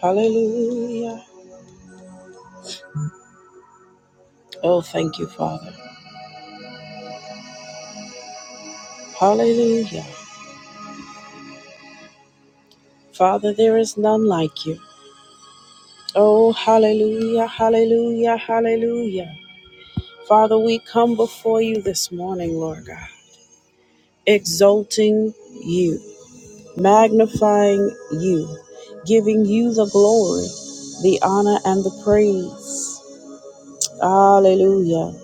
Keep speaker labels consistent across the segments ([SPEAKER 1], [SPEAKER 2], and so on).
[SPEAKER 1] Hallelujah. Oh, thank you, Father. Hallelujah. Father, there is none like you. Oh, hallelujah, hallelujah, hallelujah. Father, we come before you this morning, Lord God, exalting you, magnifying you, giving you the glory, the honor, and the praise. Hallelujah.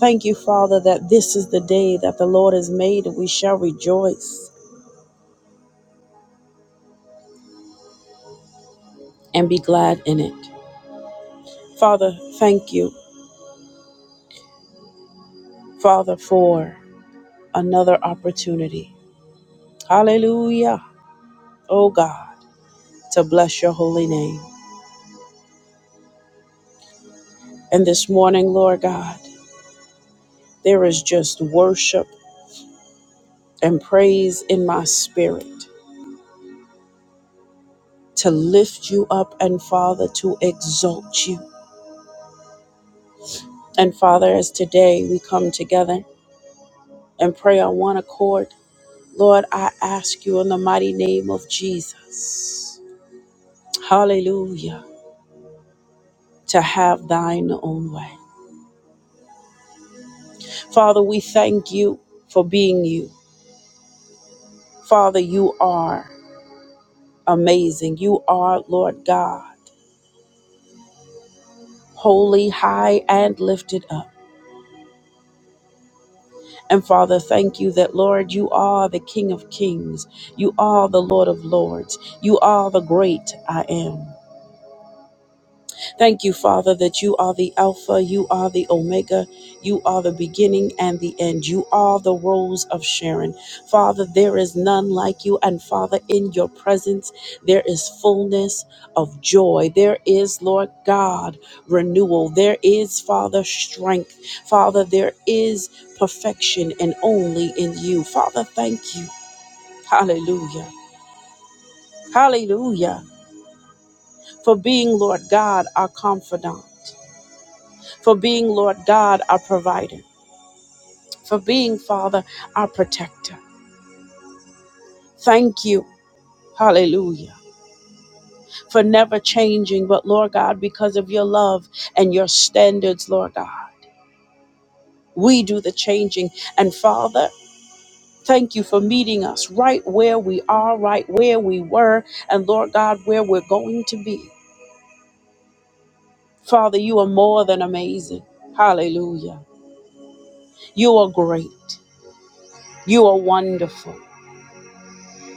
[SPEAKER 1] Thank you, Father, that this is the day that the Lord has made and we shall rejoice and be glad in it. Father, thank you, Father, for another opportunity. Hallelujah, oh God, to bless your holy name. And this morning, Lord God, there is just worship and praise in my spirit to lift you up and, Father, to exalt you. And Father, as today we come together and pray on one accord, Lord, I ask you in the mighty name of Jesus, hallelujah, to have thine own way. Father, we thank you for being you. Father, you are amazing. You are, Lord God, holy, high, and lifted up. And Father, thank you that, Lord, you are the King of kings. You are the Lord of lords. You are the great I am. Thank you, Father, that you are the Alpha, you are the Omega, you are the beginning and the end. You are the rose of Sharon. Father, there is none like you. And Father, in your presence, there is fullness of joy. There is, Lord God, renewal. There is, Father, strength. Father, there is perfection and only in you. Father, thank you. Hallelujah. Hallelujah. For being, Lord God, our confidant. for being, Lord God, our provider, for being, Father, our protector. Thank you. Hallelujah. For never changing, but Lord God, because of your love and your standards, Lord God, we do the changing. And Father, thank you for meeting us right where we are, right where we were, and Lord God, where we're going to be. Father, you are more than amazing. Hallelujah. You are great. You are wonderful.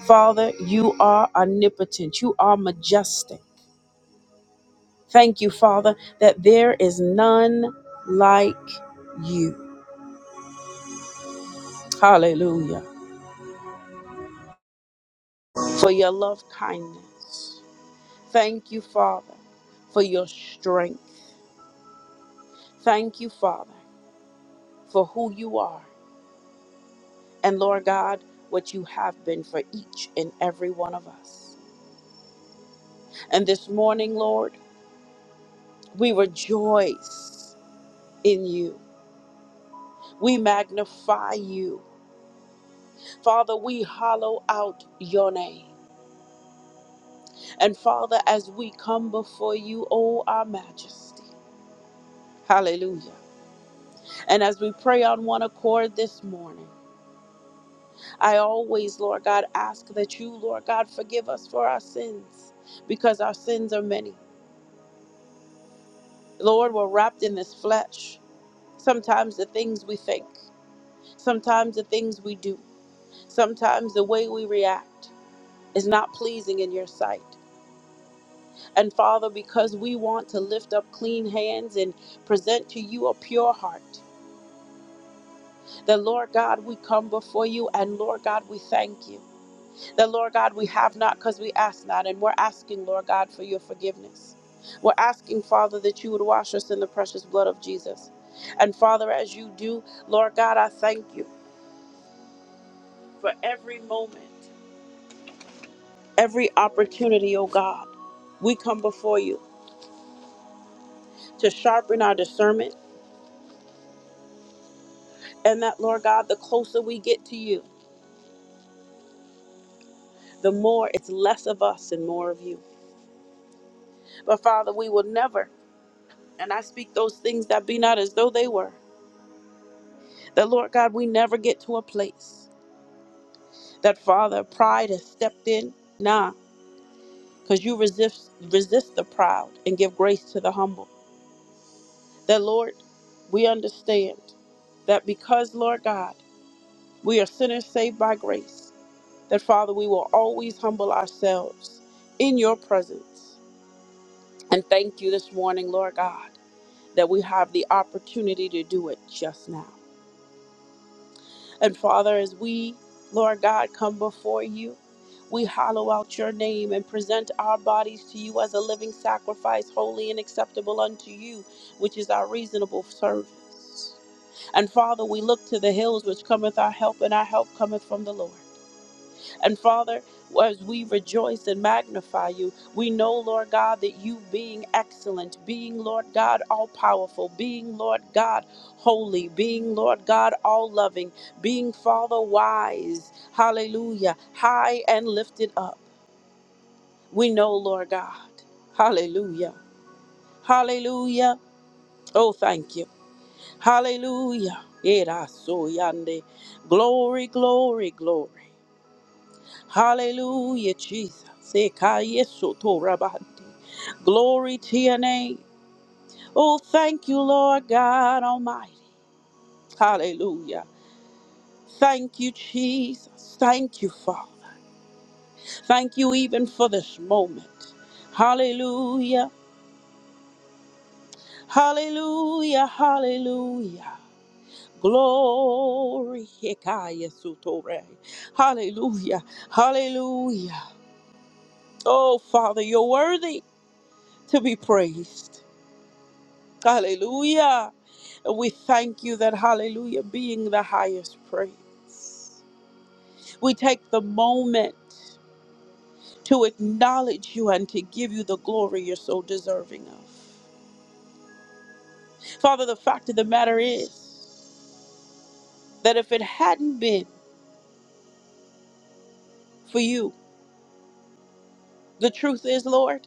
[SPEAKER 1] Father, you are omnipotent. You are majestic. Thank you, Father, that there is none like you. Hallelujah. For your love kindness. Thank you, Father, for your strength. Thank you, Father, for who you are. And Lord God, what you have been for each and every one of us. And this morning, Lord, we rejoice in you. We magnify you. Father, we hollow out your name. And Father, as we come before you, O our majesty, hallelujah. And as we pray on one accord this morning, I always, Lord God, ask that you, Lord God, forgive us for our sins because our sins are many. Lord, we're wrapped in this flesh. Sometimes the things we think, sometimes the things we do, sometimes the way we react is not pleasing in your sight. And Father, because we want to lift up clean hands and present to you a pure heart, that Lord God, we come before you and Lord God, we thank you. That Lord God, we have not because we ask not, and we're asking, Lord God, for your forgiveness. We're asking, Father, that you would wash us in the precious blood of Jesus. And Father, as you do, Lord God, I thank you for every moment, every opportunity, oh God. We come before you to sharpen our discernment, and that, Lord God, the closer we get to you. the more it's less of us and more of you. But Father, we will never, and I speak those things that be not as though they were, that Lord God, we never get to a place that Father, pride has stepped in. Nah, because you resist resist the proud and give grace to the humble. That Lord, we understand that because Lord God, we are sinners saved by grace, that Father, we will always humble ourselves in your presence. And thank you this morning, Lord God. that we have the opportunity to do it just now. And Father, as we, Lord God, come before you, we hollow out your name and present our bodies to you as a living sacrifice, holy and acceptable unto you, which is our reasonable service. And Father, we look to the hills which cometh our help, and our help cometh from the Lord. And Father, as we rejoice and magnify you, we know, Lord God, that you being excellent, being, Lord God, all powerful, being, Lord God, holy, being, Lord God, all loving, being, Father, wise, hallelujah, high and lifted up. We know, Lord God, hallelujah, hallelujah. Oh, thank you. Hallelujah. Era so yande. Glory, glory, glory. Hallelujah, Jesus. Ekayesotorabate. Glory to your name. Oh, thank you, Lord God Almighty. Hallelujah. Thank you, Jesus. Thank you, Father. Thank you even for this moment. Hallelujah. Hallelujah. Hallelujah. Glory. Ekayesotore. Hallelujah. Hallelujah. Oh, Father, you're worthy to be praised. Hallelujah. We thank you that hallelujah being the highest praise. We take the moment to acknowledge you and to give you the glory you're so deserving of. Father, the fact of the matter is that if it hadn't been for you, the truth is, Lord,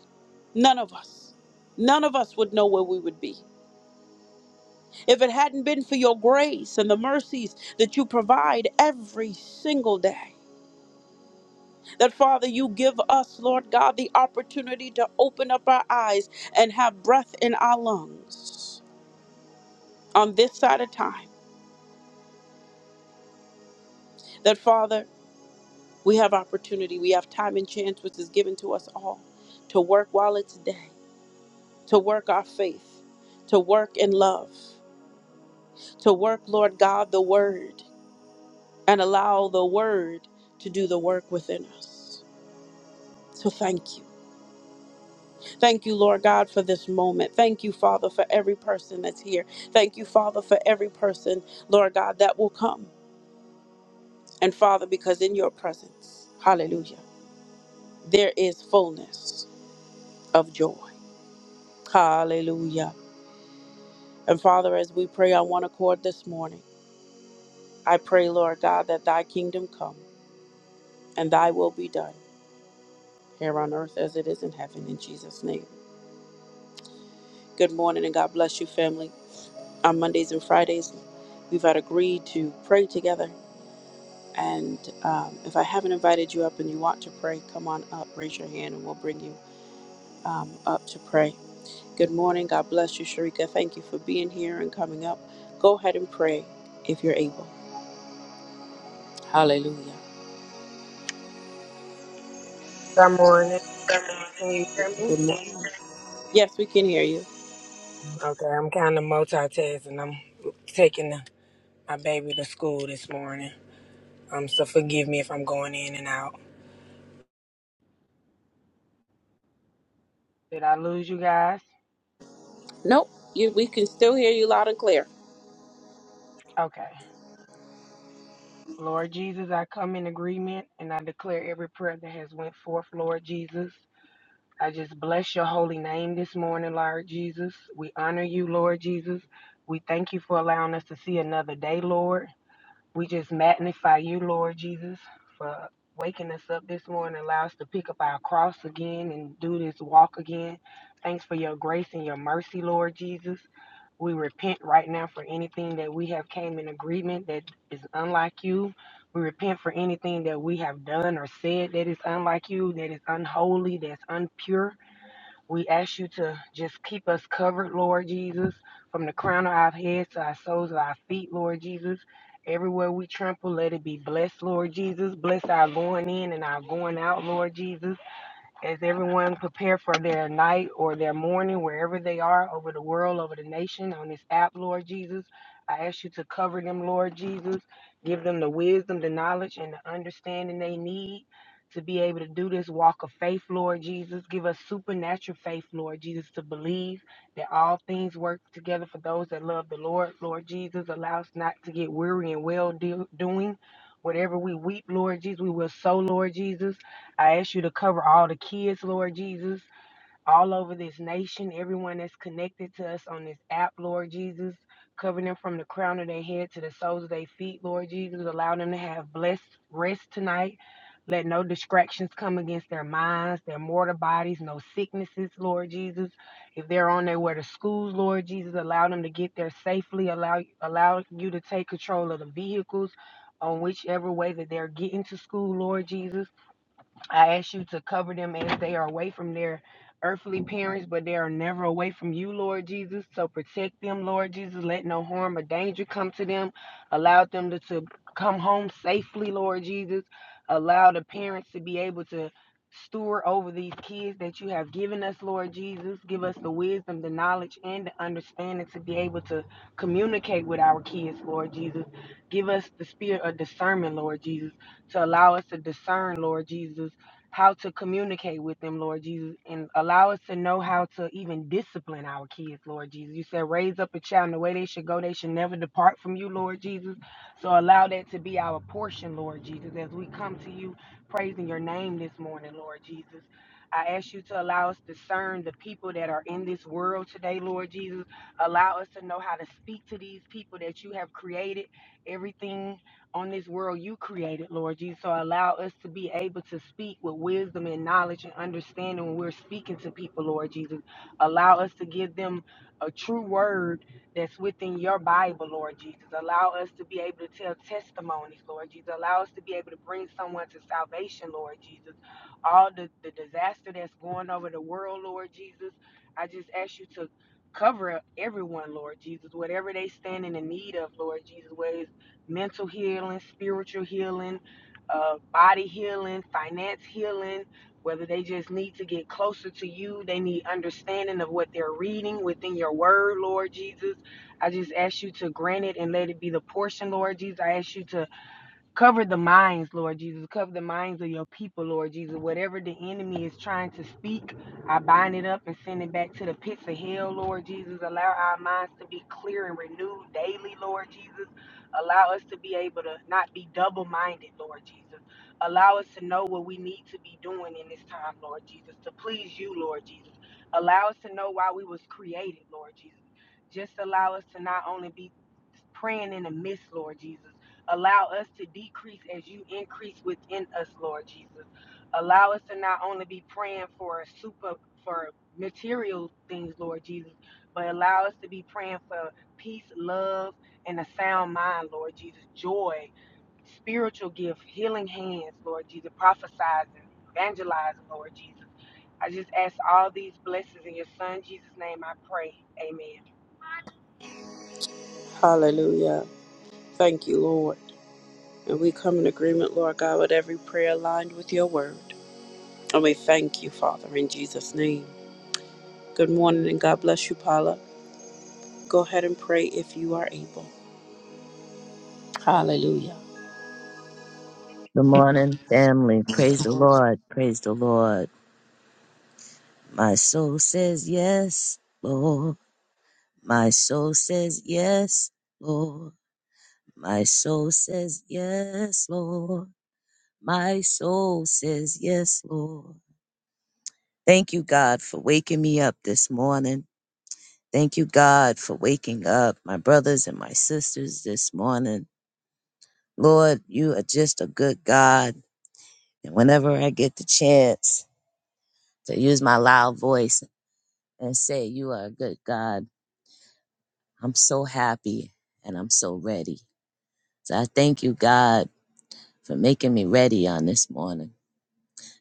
[SPEAKER 1] none of us, none of us would know where we would be. If it hadn't been for your grace and the mercies that you provide every single day, That Father, you give us, Lord God, the opportunity to open up our eyes and have breath in our lungs on this side of time. That Father, we have opportunity, we have time and chance which is given to us all to work while it's day, to work our faith, to work in love, to work, Lord God, the word, and allow the word to do the work within us. So thank you. Thank you, Lord God, for this moment. Thank you, Father, for every person that's here. Thank you, Father, for every person, Lord God, that will come. And Father, because in your presence, hallelujah, there is fullness of joy. Hallelujah. And Father, as we pray on one accord this morning, I pray, Lord God, that thy kingdom come and thy will be done here on earth as it is in heaven, in Jesus' name. Good morning and God bless you, family. On Mondays and Fridays, we've had agreed to pray together And um, if I haven't invited you up and you want to pray, come on up, raise your hand, and we'll bring you um, up to pray. Good morning. God bless you, Sharika. Thank you for being here and coming up. Go ahead and pray if you're able. Hallelujah.
[SPEAKER 2] Good morning. Can you hear me?
[SPEAKER 1] Good morning. Yes, we can hear you.
[SPEAKER 2] Okay, I'm kind of multitasking. I'm taking the, my baby to school this morning. Um, so forgive me if I'm going in and out. Did I lose you guys?
[SPEAKER 1] Nope, you, we can still hear you loud and clear.
[SPEAKER 2] Okay. Lord Jesus, I come in agreement and I declare every prayer that has went forth, Lord Jesus. I just bless your holy name this morning, Lord Jesus. We honor you, Lord Jesus. We thank you for allowing us to see another day, Lord. We just magnify you, Lord Jesus, for waking us up this morning, allow us to pick up our cross again and do this walk again. Thanks for your grace and your mercy, Lord Jesus. We repent right now for anything that we have came in agreement that is unlike you. We repent for anything that we have done or said that is unlike you, that is unholy, that's unpure. We ask you to just keep us covered, Lord Jesus, from the crown of our heads to our soles of our feet, Lord Jesus. Everywhere we trample, let it be blessed, Lord Jesus. Bless our going in and our going out, Lord Jesus. As everyone prepare for their night or their morning, wherever they are, over the world, over the nation, on this app, Lord Jesus, I ask you to cover them, Lord Jesus. Give them the wisdom, the knowledge, and the understanding they need to be able to do this walk of faith, Lord Jesus. Give us supernatural faith, Lord Jesus, to believe that all things work together for those that love the Lord. Lord Jesus, allow us not to get weary and well do- doing. Whatever we weep, Lord Jesus, we will sow, Lord Jesus. I ask you to cover all the kids, Lord Jesus, all over this nation, everyone that's connected to us on this app, Lord Jesus. Cover them from the crown of their head to the soles of their feet, Lord Jesus. Allow them to have blessed rest tonight. Let no distractions come against their minds, their mortal bodies, no sicknesses, Lord Jesus. If they're on their way to schools, Lord Jesus, allow them to get there safely. Allow allow you to take control of the vehicles on whichever way that they're getting to school, Lord Jesus. I ask you to cover them as they are away from their earthly parents, but they are never away from you, Lord Jesus. So protect them, Lord Jesus. Let no harm or danger come to them. Allow them to, to come home safely, Lord Jesus. Allow the parents to be able to steward over these kids that you have given us, Lord Jesus. Give us the wisdom, the knowledge, and the understanding to be able to communicate with our kids, Lord Jesus. Give us the spirit of discernment, Lord Jesus, to allow us to discern, Lord Jesus how to communicate with them, Lord Jesus, and allow us to know how to even discipline our kids, Lord Jesus. You said raise up a child in the way they should go, they should never depart from you, Lord Jesus. So allow that to be our portion, Lord Jesus, as we come to you praising your name this morning, Lord Jesus. I ask you to allow us to discern the people that are in this world today, Lord Jesus. Allow us to know how to speak to these people that you have created everything on this world you created, Lord Jesus. So allow us to be able to speak with wisdom and knowledge and understanding when we're speaking to people, Lord Jesus. Allow us to give them a true word that's within your Bible, Lord Jesus. Allow us to be able to tell testimonies, Lord Jesus. Allow us to be able to bring someone to salvation, Lord Jesus. All the, the disaster that's going over the world, Lord Jesus, I just ask you to cover everyone, Lord Jesus, whatever they stand in the need of, Lord Jesus, whether it's mental healing, spiritual healing, uh, body healing, finance healing, whether they just need to get closer to you, they need understanding of what they're reading within your word, Lord Jesus. I just ask you to grant it and let it be the portion, Lord Jesus. I ask you to Cover the minds, Lord Jesus. Cover the minds of your people, Lord Jesus. Whatever the enemy is trying to speak, I bind it up and send it back to the pits of hell, Lord Jesus. Allow our minds to be clear and renewed daily, Lord Jesus. Allow us to be able to not be double minded, Lord Jesus. Allow us to know what we need to be doing in this time, Lord Jesus, to please you, Lord Jesus. Allow us to know why we was created, Lord Jesus. Just allow us to not only be praying in the midst, Lord Jesus Allow us to decrease as you increase within us, Lord Jesus. Allow us to not only be praying for super for material things, Lord Jesus, but allow us to be praying for peace, love, and a sound mind, Lord Jesus, joy, spiritual gift, healing hands, Lord Jesus, prophesizing, evangelizing, Lord Jesus. I just ask all these blessings in your son Jesus' name I pray. Amen.
[SPEAKER 1] Hallelujah. Thank you, Lord. And we come in agreement, Lord God, with every prayer aligned with your word. And we thank you, Father, in Jesus' name. Good morning and God bless you, Paula. Go ahead and pray if you are able. Hallelujah.
[SPEAKER 3] Good morning, family. Praise the Lord. Praise the Lord. My soul says yes, Lord. My soul says yes, Lord. My soul says yes, Lord. My soul says yes, Lord. Thank you, God, for waking me up this morning. Thank you, God, for waking up my brothers and my sisters this morning. Lord, you are just a good God. And whenever I get the chance, to use my loud voice. and say, You are a good God. I'm so happy and I'm so ready. So I thank you, God, for making me ready on this morning.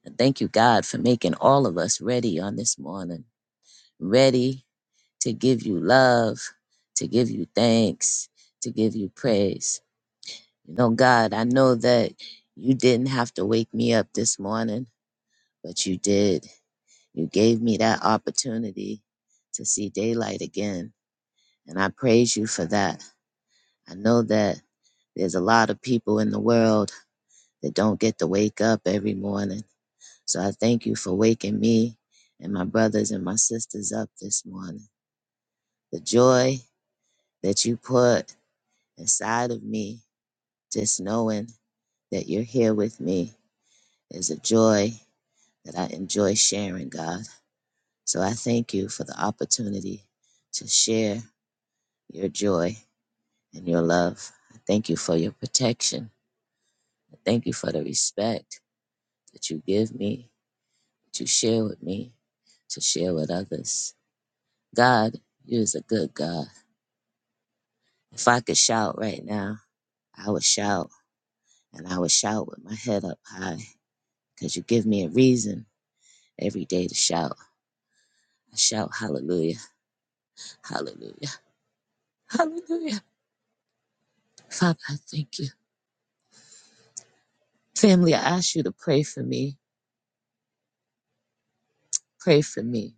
[SPEAKER 3] And thank you, God, for making all of us ready on this morning. Ready to give you love, to give you thanks, to give you praise. You know, God, I know that you didn't have to wake me up this morning, but you did. You gave me that opportunity to see daylight again. And I praise you for that. I know that there's a lot of people in the world that don't get to wake up every morning. So I thank you for waking me and my brothers and my sisters up this morning. The joy that you put inside of me, just knowing that you're here with me, is a joy that I enjoy sharing, God. So I thank you for the opportunity to share your joy and your love. I thank you for your protection. I thank you for the respect that you give me that you share with me, to share with others. God, you is a good God. If I could shout right now, I would shout and I would shout with my head up high because you give me a reason every day to shout. I shout hallelujah, hallelujah, hallelujah. Father, I thank you. Family, I ask you to pray for me. Pray for me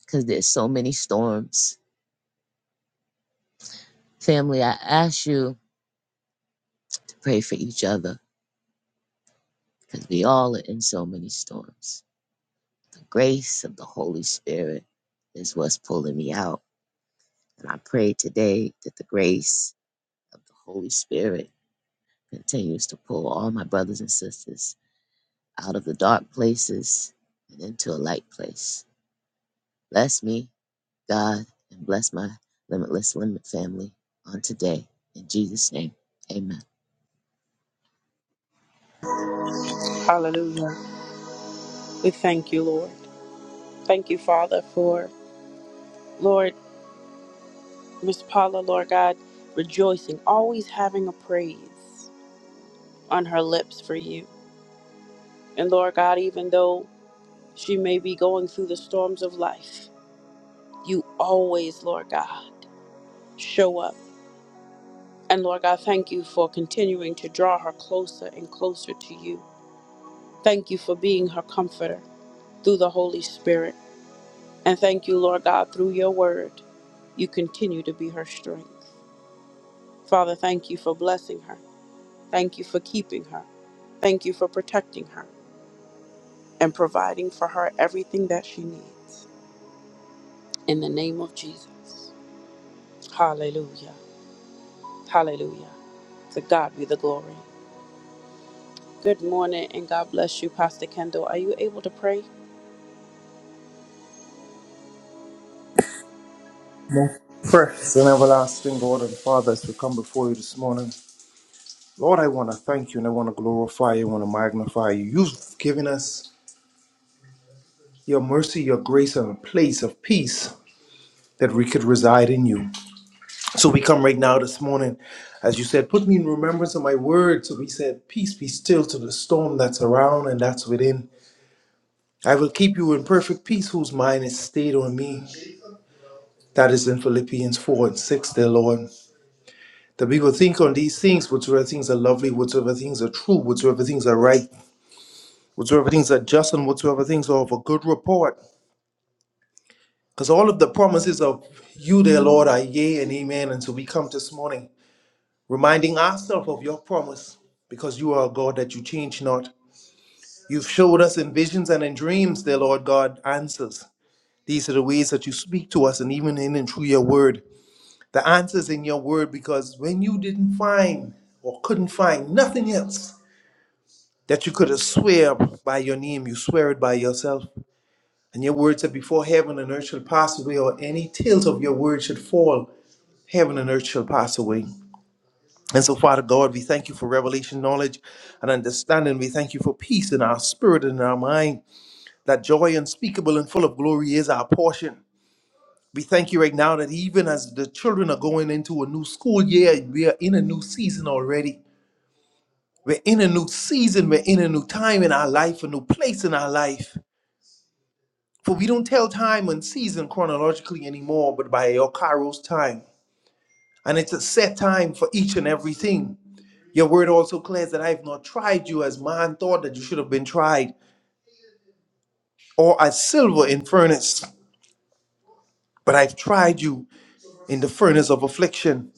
[SPEAKER 3] because there's so many storms. Family, I ask you to pray for each other because we all are in so many storms. The grace of the Holy Spirit is what's pulling me out. And I pray today that the grace of the Holy Spirit continues to pull all my brothers and sisters out of the dark places and into a light place. Bless me, God, and bless my limitless limit family on today. In Jesus' name, amen.
[SPEAKER 1] Hallelujah. We thank you, Lord. Thank you, Father, for Lord, Miss Paula, Lord God, rejoicing, always having a praise on her lips for you. And Lord God, even though she may be going through the storms of life, you always, Lord God, show up. And Lord God, thank you for continuing to draw her closer and closer to you. Thank you for being her comforter through the Holy Spirit. And thank you, Lord God, through your word, you continue to be her strength. Father, thank you for blessing her. Thank you for keeping her. Thank you for protecting her and providing for her everything that she needs. In the name of Jesus. Hallelujah. Hallelujah. To God be the glory. Good morning and God bless you, Pastor Kendall. Are you able to pray?
[SPEAKER 4] Precious and everlasting God and Father, as we come before you this morning, Lord, I want to thank you and I want to glorify you, I want to magnify you. You've given us your mercy, your grace, and a place of peace that we could reside in you. So we come right now this morning, as you said, put me in remembrance of my word. So we said, Peace be still to the storm that's around and that's within. I will keep you in perfect peace whose mind is stayed on me. That is in Philippians 4 and 6, dear Lord. that we people think on these things, whatsoever things are lovely, whatsoever things are true, whatsoever things are right, whatsoever things are just, and whatsoever things are of a good report. Because all of the promises of you, dear Lord, are yea and amen. And so we come this morning reminding ourselves of your promise, because you are a God that you change not. You've showed us in visions and in dreams, dear Lord God, answers. These are the ways that you speak to us, and even in and through your word. The answers in your word, because when you didn't find or couldn't find nothing else, that you could have swear by your name, you swear it by yourself. And your word said, Before heaven and earth shall pass away, or any tales of your word should fall, heaven and earth shall pass away. And so, Father God, we thank you for revelation, knowledge, and understanding. We thank you for peace in our spirit and in our mind, that joy unspeakable and full of glory is our portion. We thank you right now that even as the children are going into a new school year, we are in a new season already. We're in a new season, we're in a new time in our life, a new place in our life. For we don't tell time and season chronologically anymore, but by your Kairos time. And it's a set time for each and everything. Your word also declares that I have not tried you as man thought that you should have been tried, or as silver in furnace, but I've tried you in the furnace of affliction.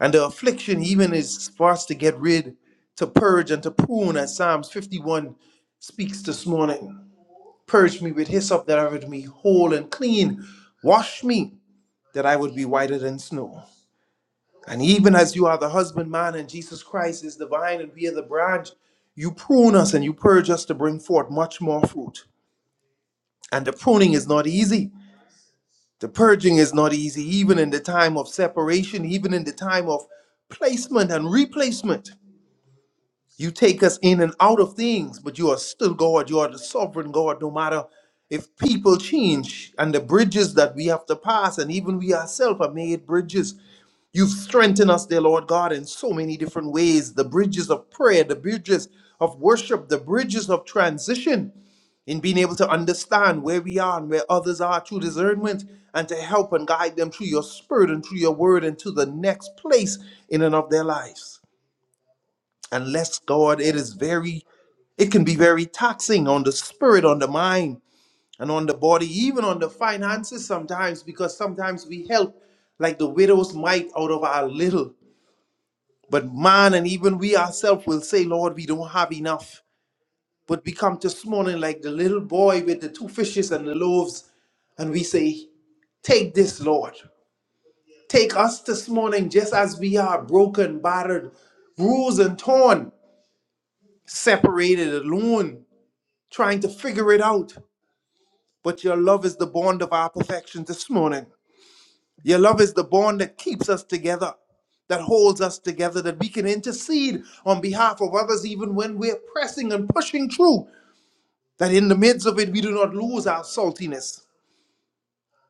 [SPEAKER 4] And the affliction even is for us to get rid, to purge and to prune, as Psalms 51 speaks this morning. Purge me with hyssop that I would be whole and clean. Wash me that I would be whiter than snow. And even as you are the husbandman and Jesus Christ is the vine and we are the branch, you prune us and you purge us to bring forth much more fruit. And the pruning is not easy. The purging is not easy, even in the time of separation, even in the time of placement and replacement. You take us in and out of things, but you are still God. You are the sovereign God, no matter if people change and the bridges that we have to pass, and even we ourselves are made bridges. You've strengthened us, dear Lord God, in so many different ways the bridges of prayer, the bridges of worship, the bridges of transition, in being able to understand where we are and where others are through discernment, and to help and guide them through your spirit and through your word and to the next place in and of their lives. Unless, God, it is very, it can be very taxing on the spirit, on the mind, and on the body, even on the finances sometimes, because sometimes we help like the widow's mite out of our little. But man, and even we ourselves will say, Lord, we don't have enough. But we come this morning like the little boy with the two fishes and the loaves, and we say, Take this, Lord. Take us this morning just as we are broken, battered, bruised, and torn, separated, alone, trying to figure it out. But your love is the bond of our perfection this morning. Your love is the bond that keeps us together, that holds us together, that we can intercede on behalf of others even when we're pressing and pushing through. That in the midst of it, we do not lose our saltiness,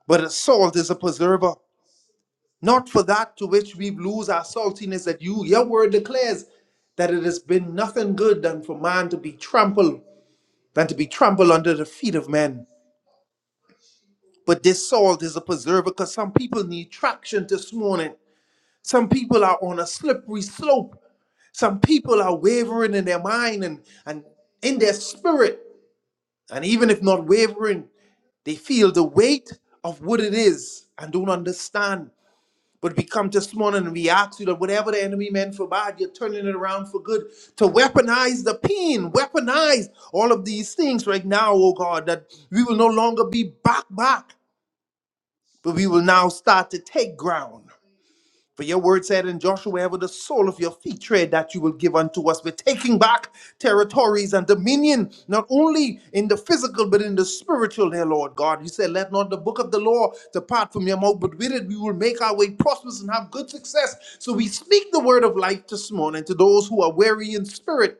[SPEAKER 4] but a salt is a preserver. Not for that to which we lose our saltiness, that you, your word declares that it has been nothing good than for man to be trampled, than to be trampled under the feet of men. But this salt is a preserver because some people need traction this morning. Some people are on a slippery slope Some people are wavering in their mind and, and in their spirit. And even if not wavering, they feel the weight of what it is and don't understand. But we come this morning and we ask you that whatever the enemy meant for bad, you're turning it around for good. To weaponize the pain, weaponize all of these things right now, oh God, that we will no longer be back, back, but we will now start to take ground. For your word said in Joshua, "Ever the sole of your feet tread, that you will give unto us. We're taking back territories and dominion, not only in the physical, but in the spiritual, dear Lord God. You said, Let not the book of the law depart from your mouth, but with it we will make our way prosperous and have good success. So we speak the word of life this morning to those who are weary in spirit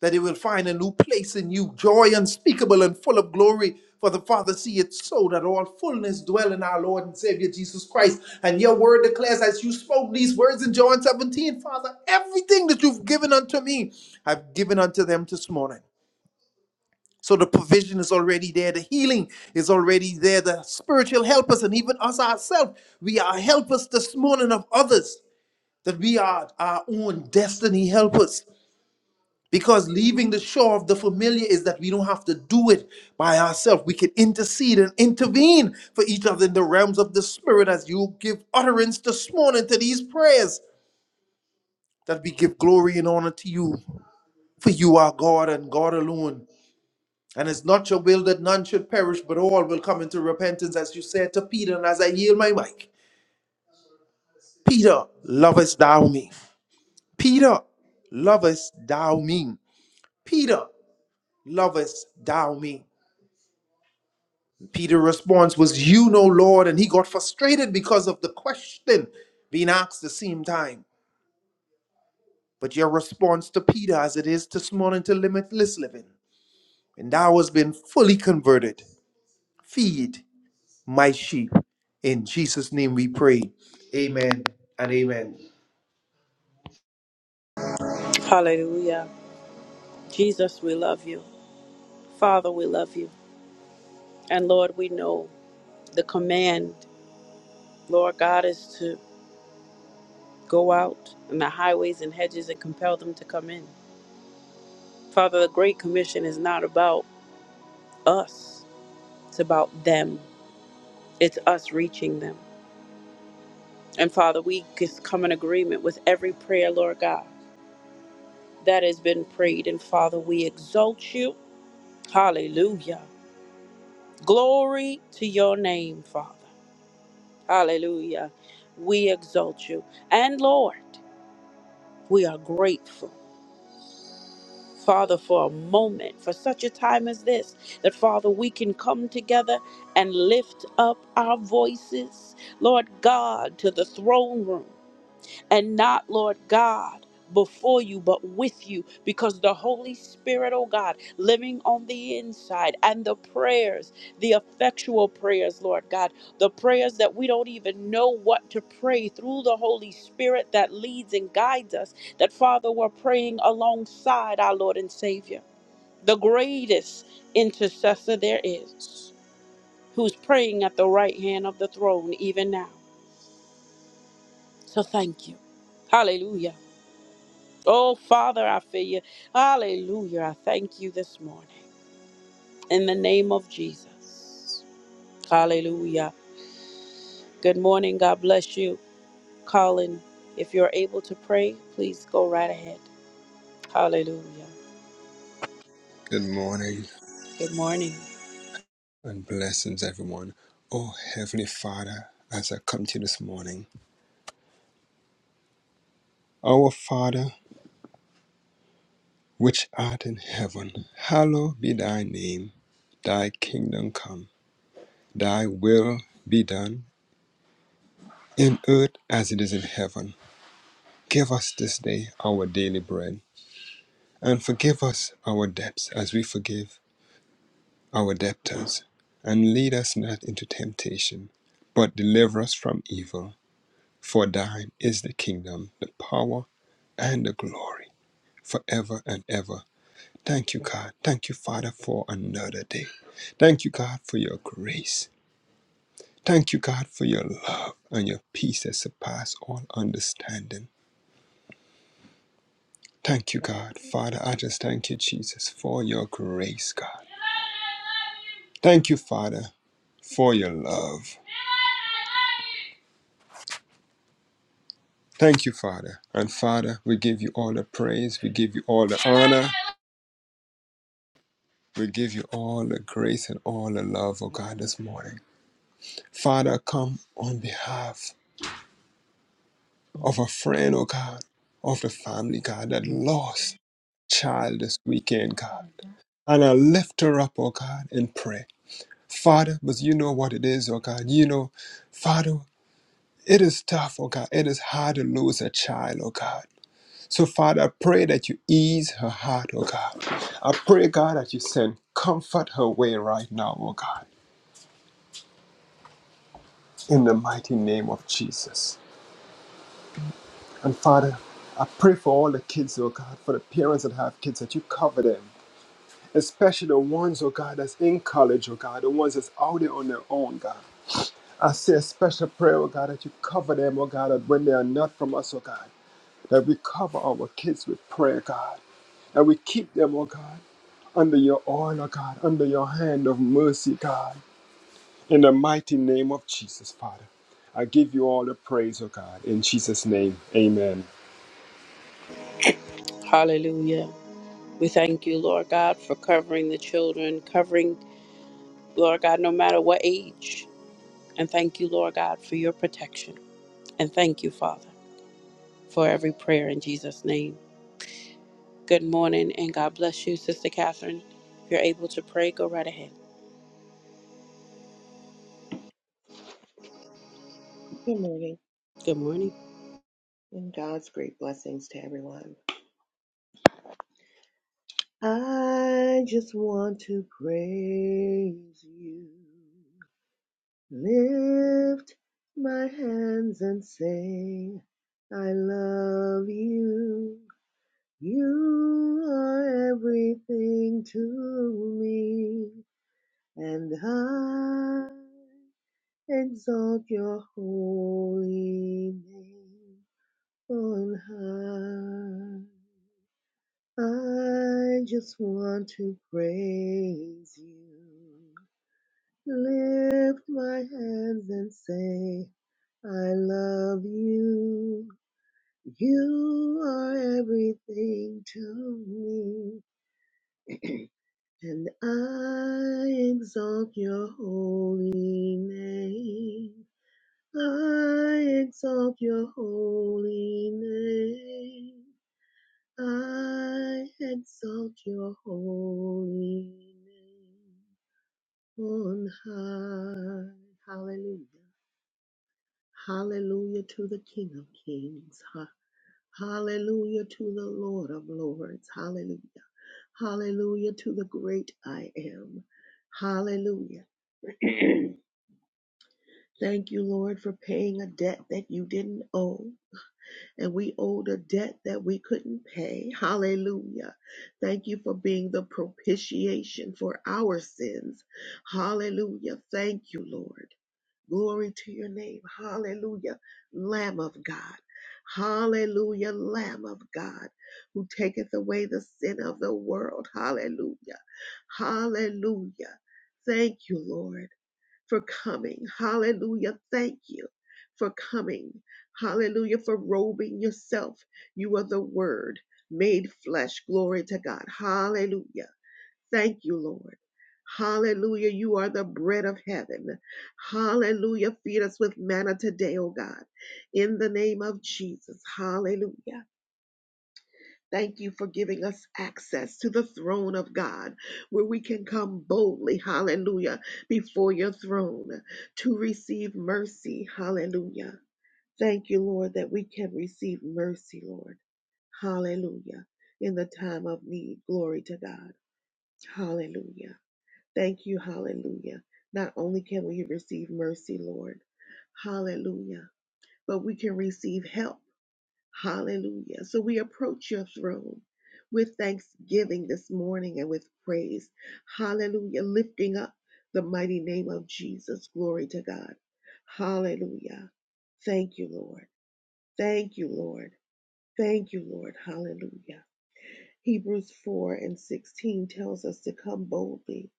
[SPEAKER 4] that it will find a new place in you, joy unspeakable and full of glory. For the Father see it so that all fullness dwell in our Lord and Savior Jesus Christ. And your word declares, as you spoke these words in John 17, Father, everything that you've given unto me, I've given unto them this morning. So the provision is already there, the healing is already there, the spiritual helpers, and even us ourselves. We are helpers this morning of others, that we are our own destiny helpers. Because leaving the shore of the familiar is that we don't have to do it by ourselves. We can intercede and intervene for each other in the realms of the Spirit as you give utterance this morning to these prayers that we give glory and honor to you. For you are God and God alone. And it's not your will that none should perish, but all will come into repentance, as you said to Peter. And as I yield my mic, Peter, lovest thou me? Peter, lovest thou me? Peter, lovest thou me? Peter's response was, You know, Lord. And he got frustrated because of the question being asked the same time. But your response to Peter, as it is this morning to limitless living, and thou hast been fully converted, feed my sheep. In Jesus' name we pray. Amen and amen.
[SPEAKER 1] Hallelujah. Jesus, we love you. Father, we love you. And Lord, we know the command, Lord God, is to Go out on the highways and hedges and compel them to come in. Father, the Great Commission is not about us, it's about them. It's us reaching them. And Father, we just come in agreement with every prayer, Lord God, that has been prayed. And Father, we exalt you. Hallelujah. Glory to your name, Father. Hallelujah. We exalt you. And Lord, we are grateful. Father, for a moment, for such a time as this, that Father, we can come together and lift up our voices, Lord God, to the throne room and not, Lord God, before you, but with you, because the Holy Spirit, oh God, living on the inside, and the prayers, the effectual prayers, Lord God, the prayers that we don't even know what to pray through the Holy Spirit that leads and guides us, that Father, we're praying alongside our Lord and Savior, the greatest intercessor there is, who's praying at the right hand of the throne even now. So thank you. Hallelujah. Oh, Father, I feel you. Hallelujah. I thank you this morning. In the name of Jesus. Hallelujah. Good morning. God bless you. Colin, if you're able to pray, please go right ahead. Hallelujah.
[SPEAKER 5] Good morning
[SPEAKER 1] Good morning.
[SPEAKER 5] and blessings, everyone. Oh, Heavenly Father, as I come to you this morning, our Father, which art in heaven, hallowed be thy name. Thy kingdom come, thy will be done, in earth as it is in heaven. Give us this day our daily bread, and forgive us our debts as we forgive our debtors. And lead us not into temptation, but deliver us from evil. For thine is the kingdom, the power, and the glory forever and ever. Thank you, God. Thank you, Father, for another day. Thank you, God, for your grace. Thank you, God, for your love and your peace that surpass all understanding. Thank you, God. Father, I just thank you, Jesus, for your grace, God. Thank you, Father, for your love. Thank you, Father. And Father, we give you all the praise. We give you all the honor. We give you all the grace and all the love, oh God, this morning. Father, come on behalf of a friend, oh God, of the family, God, that lost child this weekend, God. And I lift her up, oh God, in prayer. Father, but you know what it is, oh God. You know, Father, it is tough, oh God. It is hard to lose a child, oh God. So, Father, I pray that you ease her heart, oh God. I pray, God, that you send comfort her way right now, oh God, in the mighty name of Jesus. And Father, I pray for all the kids, oh God, for the parents that have kids, that you cover them especially the ones, oh God, that's in college, oh God, the ones that's out there on their own, God. I say a special prayer, oh God, that you cover them, oh God, that when they are not from us, oh God, that we cover our kids with prayer, God, that we keep them, oh God, under your oil, oh God, under your hand of mercy, God, in the mighty name of Jesus, Father. I give you all the praise, oh God, in Jesus' name, amen.
[SPEAKER 1] Hallelujah. We thank you, Lord God, for covering the children, covering, Lord God, no matter what age. And thank you, Lord God, for your protection. And thank you, Father, for every prayer in Jesus' name. Good morning and God bless you, Sister Catherine. If you're able to pray, go right ahead.
[SPEAKER 6] Good morning
[SPEAKER 1] Good morning.
[SPEAKER 6] and God's great blessings to everyone. I just want to praise you, lift my hands and say, I love you. You are everything to me, and I exalt your holy name on high. I just want to praise you. Lift my hands and say, I love you. You are everything to me, and I exalt your holy name. I exalt your holy name. I exalt your holy name on high. Hallelujah. Hallelujah to the King of Kings. Ha- Hallelujah to the Lord of Lords. Hallelujah. Hallelujah to the great I am. Hallelujah. Thank you, Lord, for paying a debt that you didn't owe. and we owed a debt that we couldn't pay. Hallelujah. Thank you for being the propitiation for our sins. Hallelujah. Thank you, Lord. Glory to your name. Hallelujah. Lamb of God. Hallelujah. Lamb of God who taketh away the sin of the world. Hallelujah. Hallelujah. Thank you, Lord for coming. Hallelujah. Thank you for coming. Hallelujah for robing yourself. You are the word made flesh. Glory to God. Hallelujah. Thank you, Lord. Hallelujah. You are the bread of heaven. Hallelujah. Feed us with manna today, oh God. In the name of Jesus. Hallelujah. Thank you for giving us access to the throne of God, where we can come boldly, hallelujah, before your throne to receive mercy, hallelujah. Thank you, Lord, that we can receive mercy, Lord, hallelujah, in the time of need. Glory to God, hallelujah. Thank you, hallelujah. Not only can we receive mercy, Lord, hallelujah, but we can receive help. Hallelujah. So we approach your throne with thanksgiving this morning and with praise. Hallelujah. Lifting up the mighty name of Jesus. Glory to God. Hallelujah. Thank you, Lord. Thank you, Lord. Thank you, Lord. Hallelujah. Hebrews 4 and 16 tells us to come boldly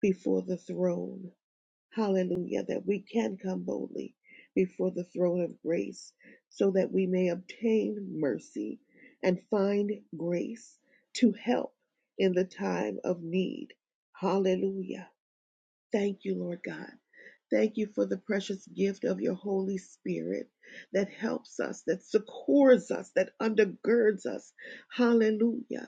[SPEAKER 6] before the throne Hallelujah, that we can come boldly before the throne of grace so that we may obtain mercy and find grace to help in the time of need. Hallelujah. Thank you, Lord God. Thank you for the precious gift of your Holy Spirit that helps us, that succors us, that undergirds us. Hallelujah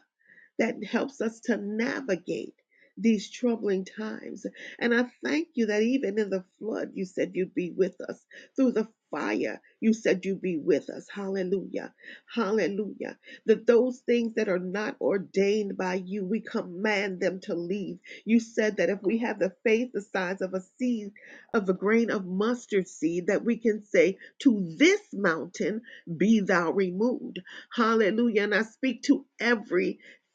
[SPEAKER 6] that helps us to navigate these troubling times. And I thank you that even in the flood, you said you'd be with us. Through the fire, you said you'd be with us. Hallelujah. Hallelujah. That those things that are not ordained by you, we command them to leave. You said that if we have the faith the size of a seed, of a grain of mustard seed, that we can say to this mountain, be thou removed. Hallelujah. And I speak to every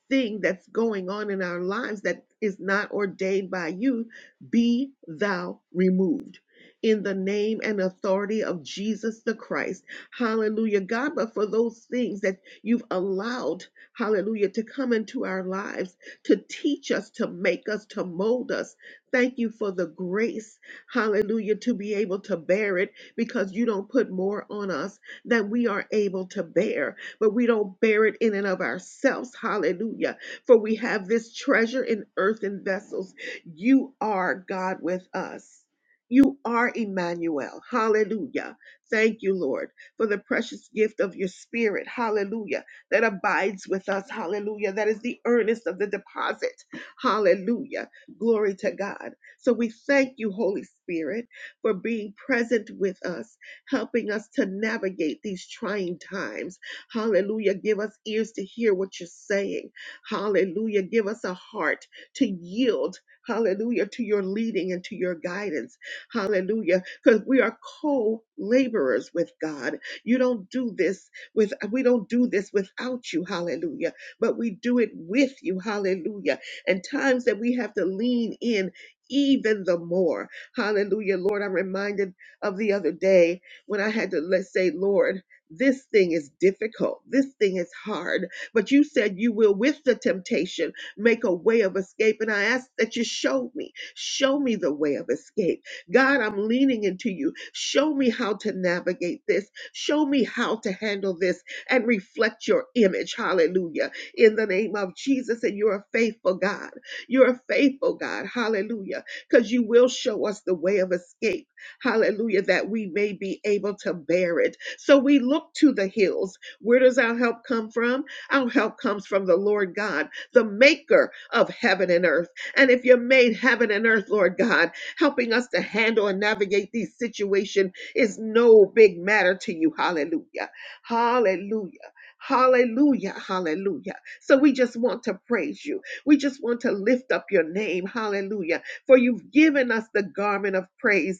[SPEAKER 6] thing that's going on in our lives that is not ordained by you, be thou removed. In the name and authority of Jesus the Christ. Hallelujah. God, but for those things that you've allowed, hallelujah, to come into our lives, to teach us, to make us, to mold us, thank you for the grace, hallelujah, to be able to bear it because you don't put more on us than we are able to bear but we don't bear it in and of ourselves. Hallelujah. For we have this treasure in earthen vessels. You are God with us. You are Emmanuel. Hallelujah. Thank you, Lord, for the precious gift of your spirit. Hallelujah. That abides with us. Hallelujah. That is the earnest of the deposit. Hallelujah. Glory to God. So we thank you, Holy Spirit, for being present with us, helping us to navigate these trying times Hallelujah. Give us ears to hear what you're saying. Hallelujah. Give us a heart to yield. Hallelujah. To your leading and to your guidance. Hallelujah. Because we are co laborers with God. You don't do this with, we don't do this without you. Hallelujah. But we do it with you. Hallelujah. And times that we have to lean in even the more. Hallelujah. Lord, I'm reminded of the other day when I had to, let's say, Lord, this thing is difficult. This thing is hard. But you said you will, with the temptation, make a way of escape. And I ask that you show me, show me the way of escape. God, I'm leaning into you. Show me how to navigate this. Show me how to handle this and reflect your image. Hallelujah. In the name of Jesus. And you're a faithful God. You're a faithful God. Hallelujah. Because you will show us the way of escape hallelujah, that we may be able to bear it. So we look to the hills. Where does our help come from? Our help comes from the Lord God, the maker of heaven and earth. And if you made heaven and earth, Lord God, helping us to handle and navigate these situations is no big matter to you. Hallelujah. Hallelujah. Hallelujah. Hallelujah. So we just want to praise you. We just want to lift up your name. Hallelujah. For you've given us the garment of praise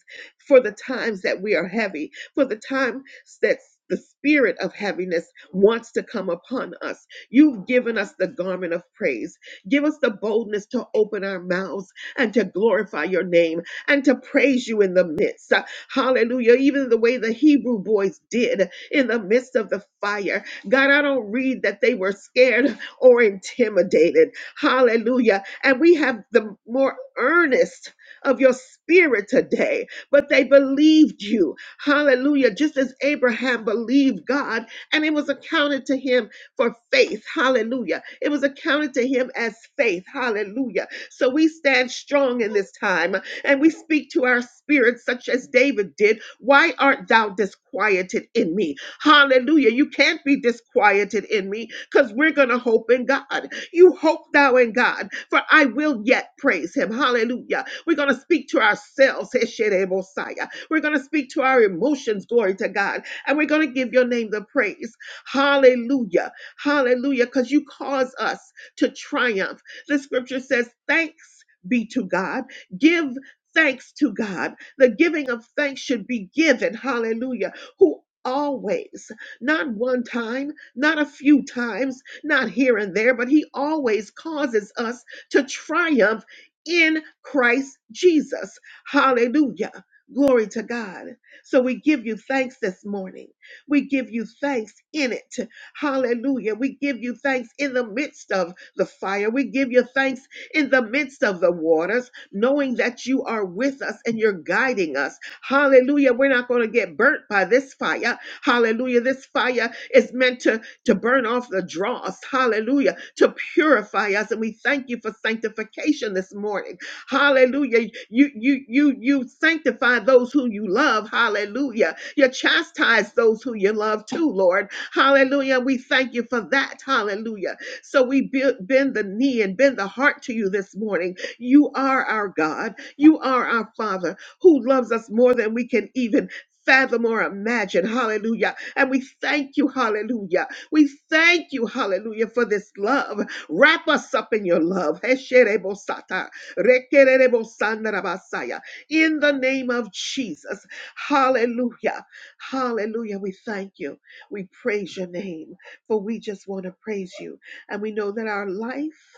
[SPEAKER 6] for the times that we are heavy, for the times that the spirit of heaviness wants to come upon us. You've given us the garment of praise. Give us the boldness to open our mouths and to glorify your name and to praise you in the midst. Uh, Hallelujah. Even the way the Hebrew boys did in the midst of the fire. God, I don't read that they were scared or intimidated. Hallelujah. And we have the more earnest of your spirit today but they believed you. Hallelujah. Just as Abraham believed God, and it was accounted to him for faith. Hallelujah. It was accounted to him as faith. Hallelujah. So we stand strong in this time and we speak to our spirits, such as David did. Why art thou disquieted in me? Hallelujah. You can't be disquieted in me because we're going to hope in God. You hope thou in God, for I will yet praise him. Hallelujah. We're going to speak to ourselves. Heshere Mosiah. We're going to speak to our emotions. Glory to God. And we're going to give your name the praise. Hallelujah. Hallelujah. Because you cause us to triumph. The scripture says, Thanks be to God. Give thanks to God. The giving of thanks should be given. Hallelujah. Who always, not one time, not a few times, not here and there, but he always causes us to triumph in Christ Jesus. Hallelujah. Glory to God. So we give you thanks this morning. We give you thanks in it. Hallelujah. We give you thanks in the midst of the fire. We give you thanks in the midst of the waters, knowing that you are with us and you're guiding us. Hallelujah. We're not going to get burnt by this fire. Hallelujah. This fire is meant to to burn off the dross, hallelujah, to purify us. And we thank you for sanctification this morning. Hallelujah. You you you you sanctify those who you love. Hallelujah. You chastise those who you love too, Lord. Hallelujah. We thank you for that. Hallelujah. So we be- bend the knee and bend the heart to you this morning. You are our God. You are our Father who loves us more than we can even fathom or imagine. Hallelujah. And we thank you. Hallelujah. We thank you, hallelujah, for this love. Wrap us up in your love. Hesherebosata, rekererebosandarabasaya. In the name of Jesus. Hallelujah. Hallelujah. We thank you. We praise your name, for we just want to praise you. And we know that our life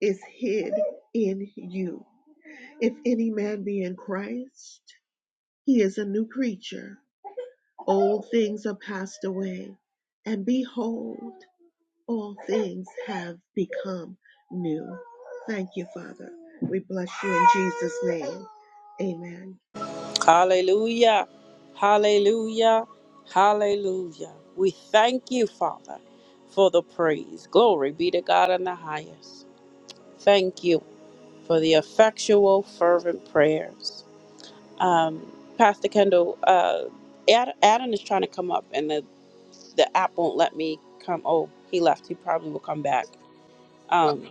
[SPEAKER 6] is hid in you. If any man be in Christ, he is a new creature. Old things are passed away, and behold, all things have become new. Thank you, Father. We bless you in Jesus' name. Amen.
[SPEAKER 1] Hallelujah. Hallelujah. Hallelujah. We thank you, Father, for the praise. Glory be to God in the highest. Thank you for the effectual, fervent prayers. Um, Pastor Kendall, uh, Ad- Adam is trying to come up and the, the app won't let me come. Oh, he left. He probably will come back. Um,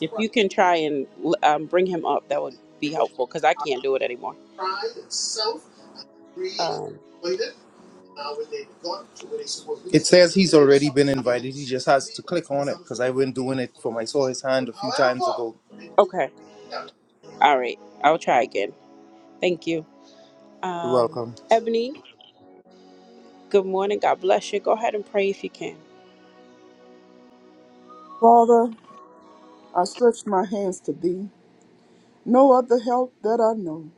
[SPEAKER 1] If you can try and um, bring him up, that would be helpful because I can't do it anymore. Um,
[SPEAKER 4] It says he's already been invited. He just has to click on it because I went doing it for my saw his hand a few times ago.
[SPEAKER 1] okay. All right. I'll try again. Thank you.
[SPEAKER 4] You're
[SPEAKER 1] Um,
[SPEAKER 4] welcome.
[SPEAKER 1] Ebony, good morning. God bless you. Go ahead and pray if you can.
[SPEAKER 7] Father, I stretch my hands to thee. No other help that I know.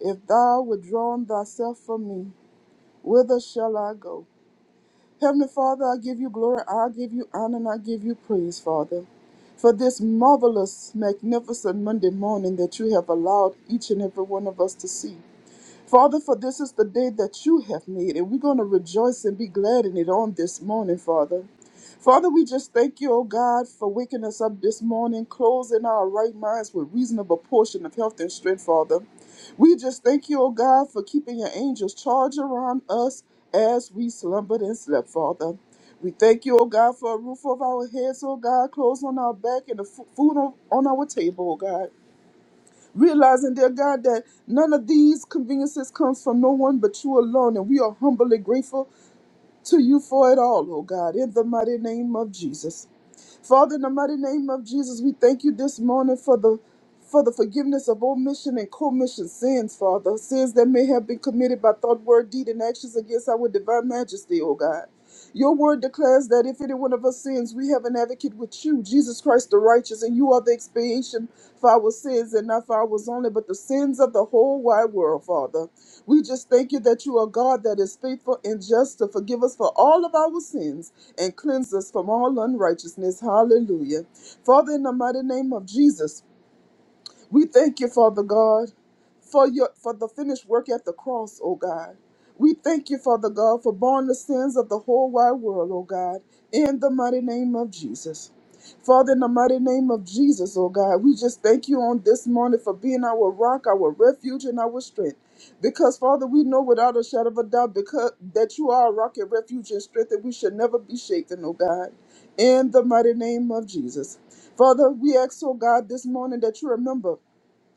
[SPEAKER 7] If thou withdrawn thyself from me, whither shall I go? Heavenly Father, I give you glory, I give you honor, and I give you praise, Father, for this marvelous, magnificent Monday morning that you have allowed each and every one of us to see. Father, for this is the day that you have made, and we're going to rejoice and be glad in it on this morning, Father. Father, we just thank you, oh God, for waking us up this morning, closing our right minds with reasonable portion of health and strength, Father. We just thank you, oh God, for keeping your angels charged around us as we slumbered and slept, Father. We thank you, oh God, for a roof over our heads, oh God, clothes on our back, and the fu- food on on our table, oh God. Realizing, dear God, that none of these conveniences comes from no one but you alone, and we are humbly grateful to you for it all, oh God, in the mighty name of Jesus. Father, in the mighty name of Jesus, we thank you this morning for the for the forgiveness of omission and commission sins, Father, sins that may have been committed by thought, word, deed, and actions against our divine majesty, O God. Your word declares that if any one of us sins, we have an advocate with you, Jesus Christ the righteous, and you are the expiation for our sins, and not for ours only, but the sins of the whole wide world, Father. We just thank you that you are God that is faithful and just to forgive us for all of our sins and cleanse us from all unrighteousness. Hallelujah. Father, in the mighty name of Jesus, we thank you, Father God, for your for the finished work at the cross, O God. We thank you, Father God, for borne the sins of the whole wide world, O God, in the mighty name of Jesus. Father, in the mighty name of Jesus, O God, we just thank you on this morning for being our rock, our refuge, and our strength. Because, Father, we know without a shadow of a doubt because that you are a rock and refuge and strength that we should never be shaken, O God, in the mighty name of Jesus. Father, we ask, oh God, this morning that you remember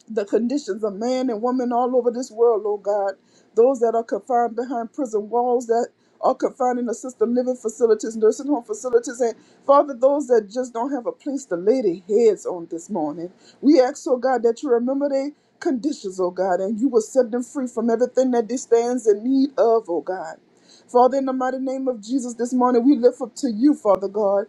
[SPEAKER 7] the conditions of man and woman all over this world, Lord God. Those that are confined behind prison walls, that are confined in assisted living facilities, nursing home facilities, and Father, those that just don't have a place to lay their heads on this morning. We ask, oh God, that you remember their conditions, oh God, and you will set them free from everything that they stands in need of, oh God. Father, in the mighty name of Jesus, this morning we lift up to you, Father God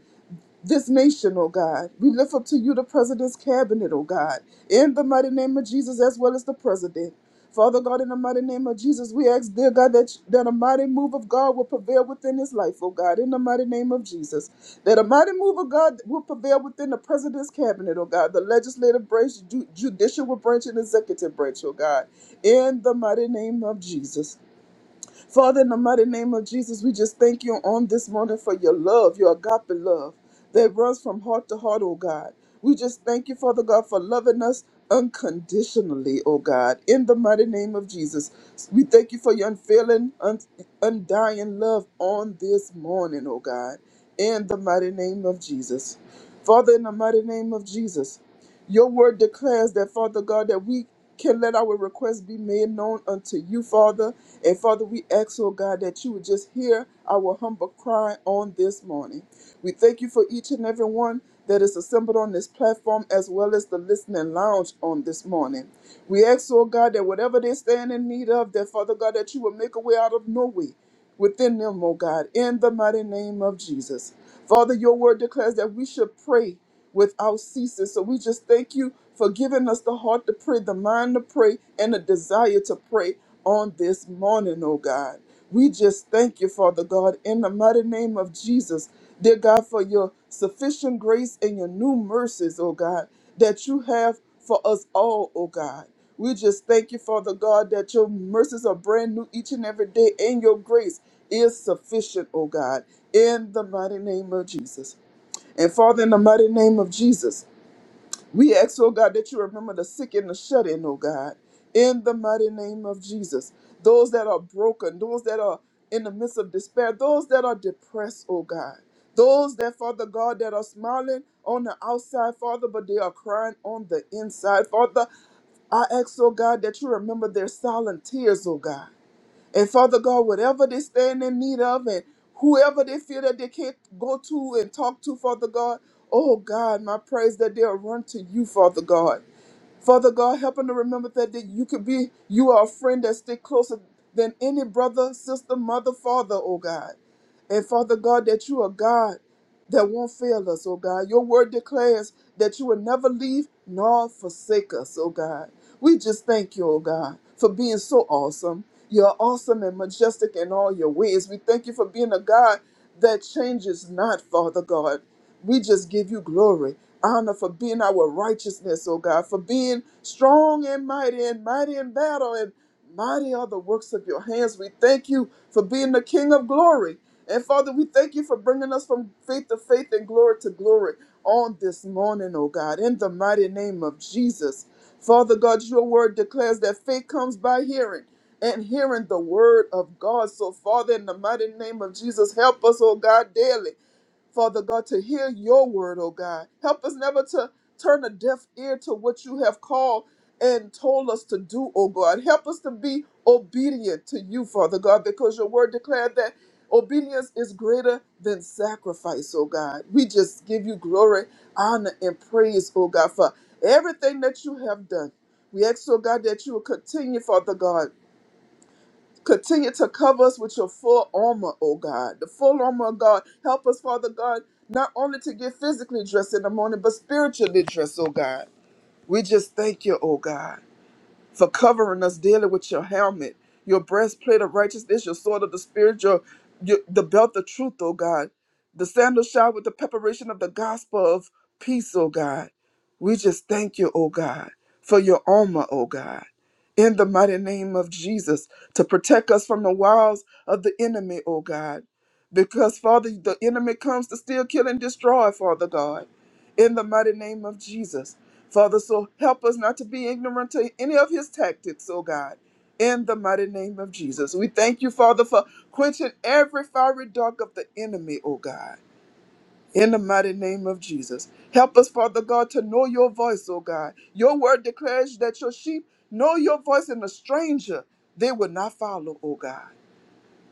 [SPEAKER 7] this nation, oh God. We lift up to you the president's cabinet, oh God, in the mighty name of Jesus, as well as the president. Father God, in the mighty name of Jesus, we ask, dear God, that, that a mighty move of God will prevail within his life, oh God, in the mighty name of Jesus. That a mighty move of God will prevail within the president's cabinet, oh God, the legislative branch, ju- judicial branch, and executive branch, oh God, in the mighty name of Jesus. Father, in the mighty name of Jesus, we just thank you on this morning for your love, your agape love that runs from heart to heart, oh God. We just thank you, Father God, for loving us unconditionally, oh God, in the mighty name of Jesus. We thank you for your unfailing, un- undying love on this morning, oh God, in the mighty name of Jesus. Father, in the mighty name of Jesus, your word declares that, Father God, that we can let our requests be made known unto you, Father. And Father, we ask, oh God, that you would just hear our humble cry on this morning. We thank you for each and every one that is assembled on this platform as well as the listening lounge on this morning. We ask, oh God, that whatever they stand in need of, that Father God, that you will make a way out of no way within them, oh God, in the mighty name of Jesus. Father, your word declares that we should pray without ceasing. So we just thank you for giving us the heart to pray, the mind to pray, and the desire to pray on this morning, oh God. We just thank you, Father God, in the mighty name of Jesus, dear God, for your sufficient grace and your new mercies, oh God, that you have for us all, oh God. We just thank you, Father God, that your mercies are brand new each and every day, and your grace is sufficient, oh God, in the mighty name of Jesus. And Father, in the mighty name of Jesus, we ask, oh God, that you remember the sick and the shut in, oh God, in the mighty name of Jesus. Those that are broken, those that are in the midst of despair, those that are depressed, oh God. Those that, Father God, that are smiling on the outside, Father, but they are crying on the inside. Father, I ask, oh God, that you remember their silent tears, oh God. And Father God, whatever they stand in need of and whoever they feel that they can't go to and talk to, Father God, oh God, my praise that they'll run to you, Father God. Father God, help them to remember that, that you could be, you are a friend that stick closer than any brother, sister, mother, father, oh God. And Father God, that you are God that won't fail us, oh God. Your word declares that you will never leave nor forsake us, oh God. We just thank you, oh God, for being so awesome. You're awesome and majestic in all your ways. We thank you for being a God that changes not, Father God. We just give you glory, honor for being our righteousness, oh God, for being strong and mighty and mighty in battle and mighty are the works of your hands. We thank you for being the King of glory. And Father, we thank you for bringing us from faith to faith and glory to glory on this morning, oh God, in the mighty name of Jesus. Father God, your word declares that faith comes by hearing and hearing the word of God. So, Father, in the mighty name of Jesus, help us, oh God, daily Father God, to hear your word, oh God. Help us never to turn a deaf ear to what you have called and told us to do, oh God. Help us to be obedient to you, Father God, because your word declared that obedience is greater than sacrifice, oh God. We just give you glory, honor, and praise, oh God, for everything that you have done. We ask, oh God, that you will continue, Father God. Continue to cover us with your full armor, oh God. The full armor of God. Help us, Father God, not only to get physically dressed in the morning, but spiritually dressed, oh God. We just thank you, oh God for covering us daily with your helmet, your breastplate of righteousness, your sword of the spirit, your, your the belt of truth, oh God, the sandal shod with the preparation of the gospel of peace, oh God. We just thank you, oh God, for your armor, oh God. In the mighty name of Jesus, to protect us from the wiles of the enemy, oh God. Because, Father, the enemy comes to steal, kill, and destroy, Father God. In the mighty name of Jesus. Father, so help us not to be ignorant to any of his tactics, oh God, in the mighty name of Jesus. We thank you, Father, for quenching every fiery dark of the enemy, oh God. In the mighty name of Jesus. Help us, Father God, to know your voice, oh God. Your word declares that your sheep know your voice and a stranger they will not follow, oh God.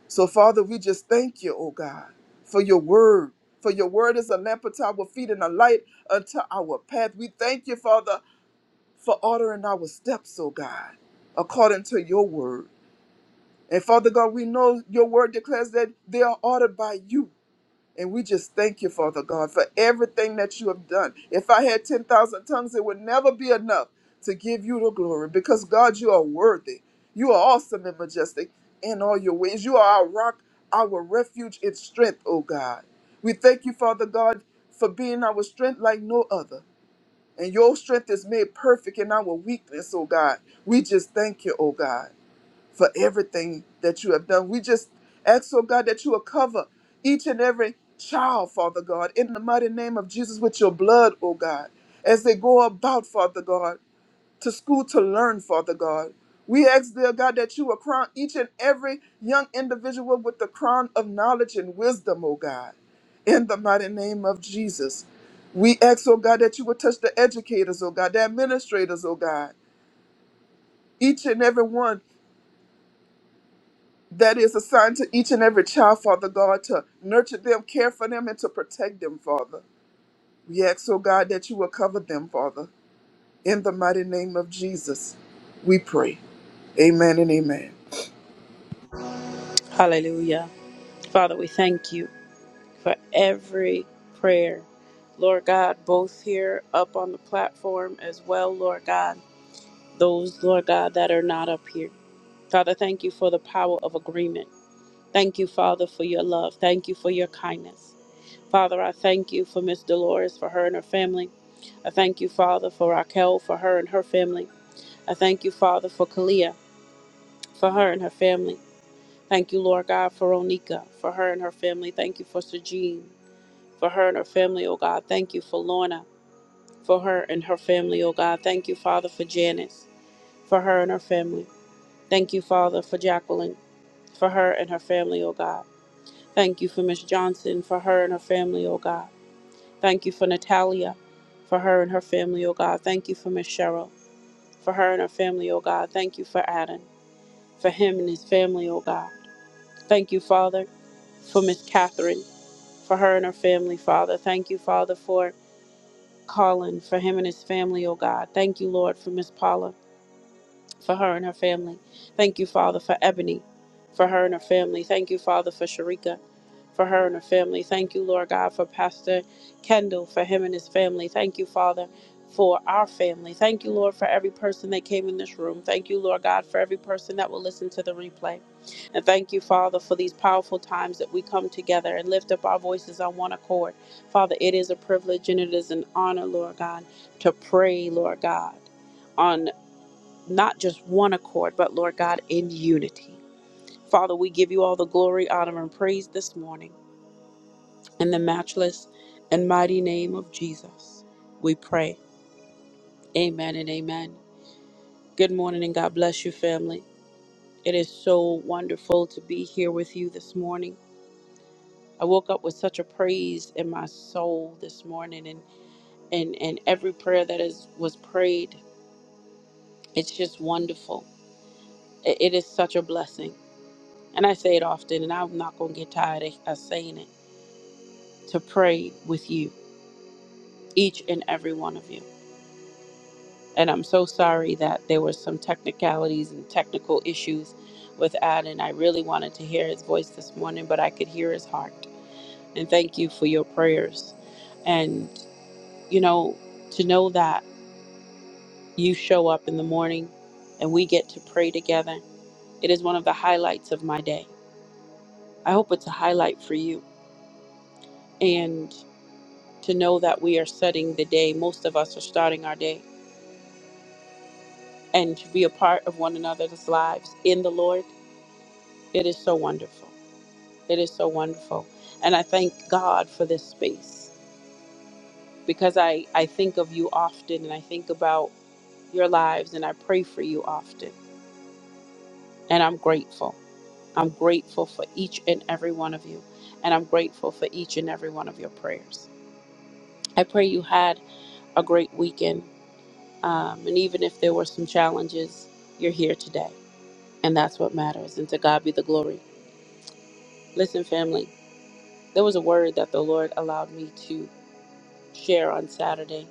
[SPEAKER 7] So, Father, we just thank you, oh God, for your word. For your word is a lamp unto our feet and a light unto our path. We thank you, Father, for ordering our steps, O God, according to your word. And Father God, we know your word declares that they are ordered by you. And we just thank you, Father God, for everything that you have done. If I had 10,000 tongues, it would never be enough to give you the glory because, God, you are worthy. You are awesome and majestic in all your ways. You are our rock, our refuge and strength, O God. We thank you, Father God, for being our strength like no other. And your strength is made perfect in our weakness, oh God. We just thank you, oh God, for everything that you have done. We just ask, oh God, that you will cover each and every child, Father God, in the mighty name of Jesus with your blood, oh God, as they go about, Father God to school to learn, Father God. We ask, dear God, that you will crown each and every young individual with the crown of knowledge and wisdom, O God. In the mighty name of Jesus. We ask, oh God, that you would touch the educators, oh God, the administrators, oh God, each and every one that is assigned to each and every child, Father God, to nurture them, care for them, and to protect them, Father. We ask, oh God, that you will cover them, Father. In the mighty name of Jesus, we pray. Amen and amen.
[SPEAKER 1] Hallelujah. Father, we thank you for every prayer. Lord God, both here up on the platform as well, Lord God, those, Lord God, that are not up here. Father, thank you for the power of agreement. Thank you, Father, for your love. Thank you for your kindness. Father, I thank you for Miss Dolores, for her and her family. I thank you, Father, for Raquel, for her and her family. I thank you, Father, for Kalia, for her and her family. Thank you, Lord God, for Onika, for her and her family. Thank you for Sejean, for her and her family, oh God. Thank you for Lorna, for her and her family, oh God. Thank you, Father, for Janice, for her and her family. Thank you, Father, for Jacqueline, for her and her family, oh God. Thank you for Miss Johnson, for her and her family, oh God. Thank you for Natalia, for her and her family, oh God. Thank you for Miss Cheryl, for her and her family, oh God. Thank you for Adam, for him and his family, oh God. Thank you, Father, for Miss Catherine, for her and her family, Father. Thank you, Father, for Colin, for him and his family, oh God. Thank you, Lord, for Miss Paula. for her and her family. Thank you, Father, for Ebony, for her and her family. Thank you, Father, for Sharika, for her and her family. Thank you, Lord God, for Pastor Kendall, for him and his family. Thank you, Father. For our family. Thank you, Lord, for every person that came in this room. Thank you, Lord God, for every person that will listen to the replay. And thank you, Father, for these powerful times that we come together and lift up our voices on one accord. Father, it is a privilege and it is an honor, Lord God, to pray, Lord God. on not just one accord, but Lord God, in unity. Father, we give you all the glory, honor, and praise this morning. In the matchless and mighty name of Jesus, we pray. Amen and amen. Good morning and God bless you, family. It is so wonderful to be here with you this morning. I woke up with such a praise in my soul this morning, and and, and every prayer that is was prayed, it's just wonderful. It it is such a blessing. and I say it often, and I'm not going to get tired of, of saying it, to pray with you, each and every one of you. And I'm so sorry that there were some technicalities and technical issues with Ad, and I really wanted to hear his voice this morning, but I could hear his heart. And thank you for your prayers. And, you know, to know that you show up in the morning and we get to pray together, it is one of the highlights of my day. I hope it's a highlight for you. And. to know that we are setting the day. Most of us are starting our day and to be a part of one another's lives in the Lord. It is so wonderful. It is so wonderful. And I thank God for this space because I, I think of you often and I think about your lives and I pray for you often. And I'm grateful. I'm grateful for each and every one of you. And I'm grateful for each and every one of your prayers. I pray you had a great weekend. Um, and even if there were some challenges, you're here today And that's what matters. And to God be the glory. Listen, family, there was a word that the Lord allowed me to share on Saturday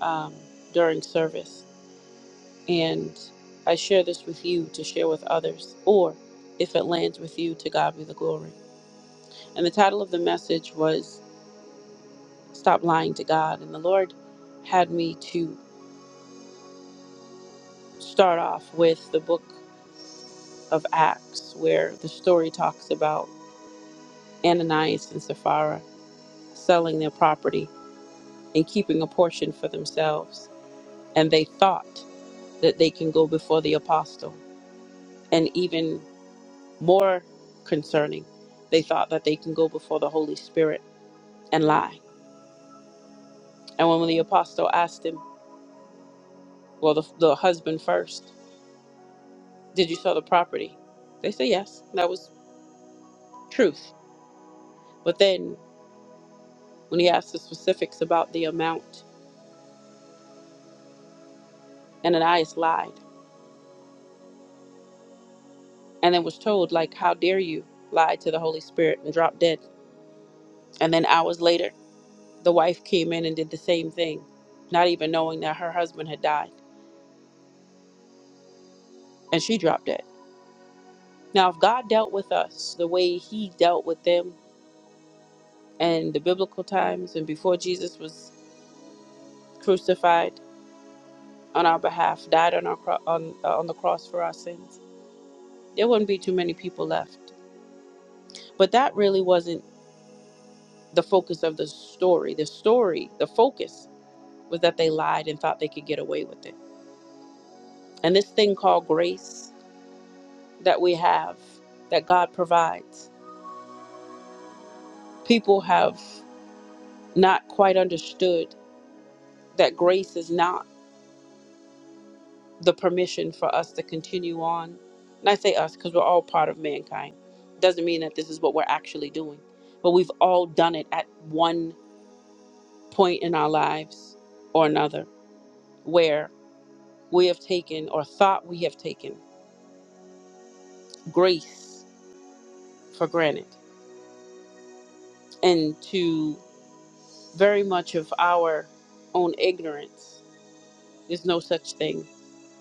[SPEAKER 1] um, during service. And I share this with you to share with others, or if it lands with you, to God be the glory. And the title of the message was Stop Lying to God. And the Lord had me to start off with the book of Acts, where the story talks about Ananias and Sapphira selling their property and keeping a portion for themselves. And they thought that they can go before the apostle. And even more concerning, they thought that they can go before the Holy Spirit and lie. And when the apostle asked him, well, the, the husband first, did you sell the property? They said yes. That was truth. But then when he asked the specifics about the amount, Ananias lied and then was told, like, how dare you lie to the Holy Spirit and drop dead. And then hours later, The wife came in and did the same thing, not even knowing that her husband had died, and she dropped dead. Now, if God dealt with us the way He dealt with them in the biblical times and before Jesus was crucified on our behalf, died on our cro- on uh, on the cross for our sins, there wouldn't be too many people left. But that really wasn't the focus of the story. The story, the focus was that they lied and thought they could get away with it. And this thing called grace that we have, that God provides. people have not quite understood that grace is not the permission for us to continue on. And I say us because we're all part of mankind. Doesn't mean that this is what we're actually doing, but we've all done it at one point in our lives or another where we have taken or thought we have taken grace for granted. And to very much of our own ignorance, there's no such thing.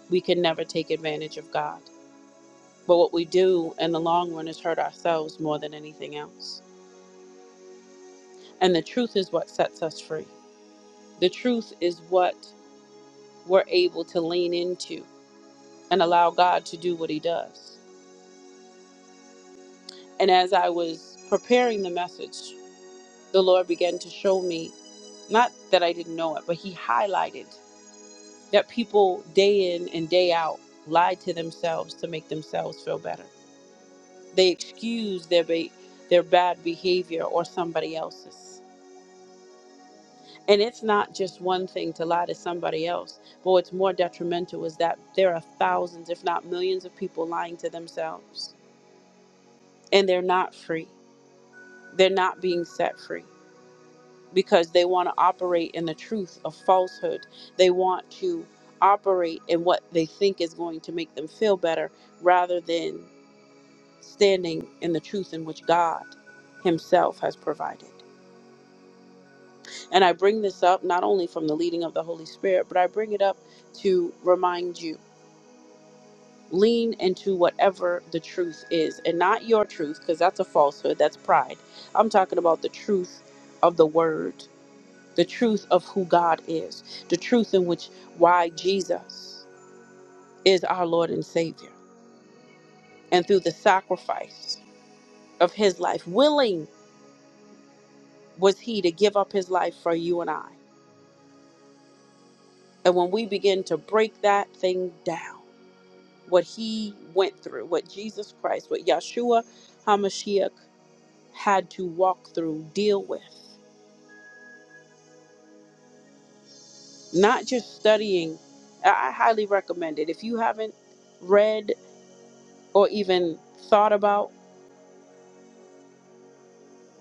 [SPEAKER 1] We can never take advantage of God But what we do in the long run is hurt ourselves more than anything else. And the truth is what sets us free. The truth is what we're able to lean into and allow God to do what He does. And as I was preparing the message, the Lord began to show me, not that I didn't know it, but He highlighted that people day in and day out lie to themselves to make themselves feel better. They excuse their, be- their bad behavior or somebody else's And it's not just one thing to lie to somebody else, but what's more detrimental is that there are thousands, if not millions, of people lying to themselves. And they're not free. They're not being set free because they want to operate in the truth of falsehood. They want to operate in what they think is going to make them feel better rather than standing in the truth in which God Himself has provided. And I bring this up not only from the leading of the Holy Spirit, but I bring it up to remind you lean into whatever the truth is and not your truth because that's a falsehood that's pride i'm talking about the truth of the word the truth of who god is the truth in which why jesus is our lord and savior and through the sacrifice of his life willing was he to give up his life for you and i and when we begin to break that thing down what he went through what jesus christ what yeshua hamashiach had to walk through deal with not just studying. I I highly recommend it. If you haven't read or even thought about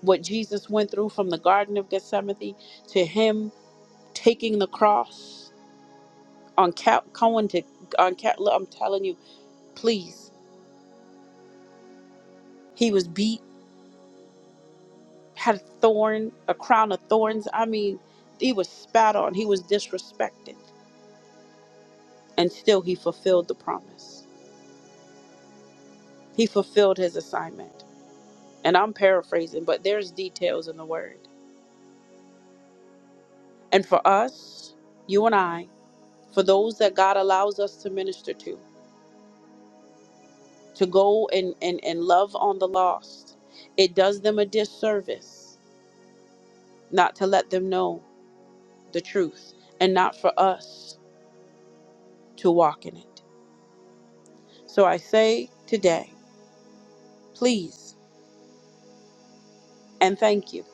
[SPEAKER 1] what Jesus went through from the Garden of Gethsemane to him taking the cross on Cap Cohen to on Cap, I'm telling you, please. He was beat, had a thorn, a crown of thorns. I mean, he was spat on, he was disrespected, and still he fulfilled the promise. He fulfilled his assignment. And I'm paraphrasing, but there's details in the word And for us, you and I, for those that God allows us to minister to, to go and, and, and love on the lost, it does them a disservice not to let them know the truth and not for us to walk in it. So I say today, please and thank you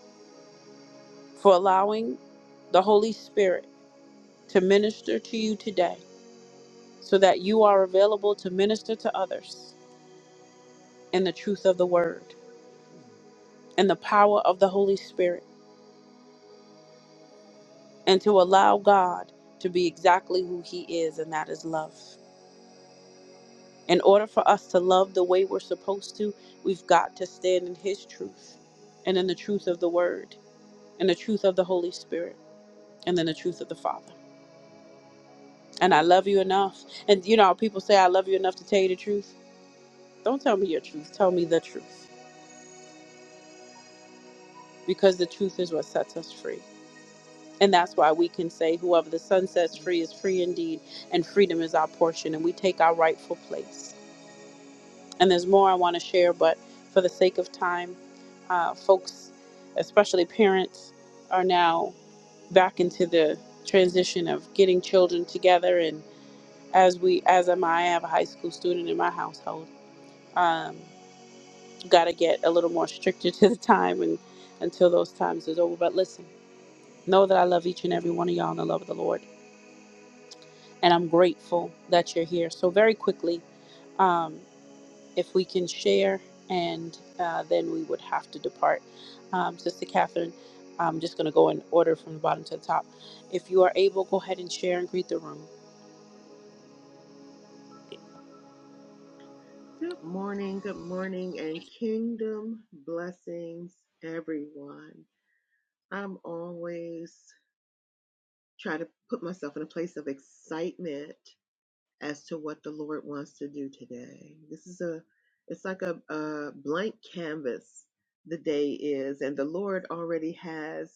[SPEAKER 1] for allowing the Holy Spirit to minister to you today so that you are available to minister to others in the truth of the word and the power of the Holy Spirit. and to allow God to be exactly who He is, and that is love. In order for us to love the way we're supposed to, we've got to stand in His truth and in the truth of the Word and the truth of the Holy Spirit and then the truth of the Father. And I love you enough. And you know, how people say, I love you enough to tell you the truth. Don't tell me your truth, tell me the truth because the truth is what sets us free. And that's why we can say, whoever the Son sets free is free indeed, and freedom is our portion, and we take our rightful place. and there's more I want to share, but for the sake of time, uh, folks, especially parents, are now back into the transition of getting children together. And as we, as am I, I have a high school student in my household. Um, Got to get a little more stricter to the time and until those times is over. But listen, know that I love each and every one of y'all in the love of the Lord, and I'm grateful that you're here. So very quickly. um, if we can share, and uh, then we would have to depart. Um, Sister Catherine, I'm just going to go in order from the bottom to the top. If you are able, go ahead and share and greet the room.
[SPEAKER 6] Good morning, good morning, and kingdom blessings, everyone. I'm always try to put myself in a place of excitement as to what the Lord wants to do today. This is a, it's like a, a blank canvas the day is, and the Lord already has,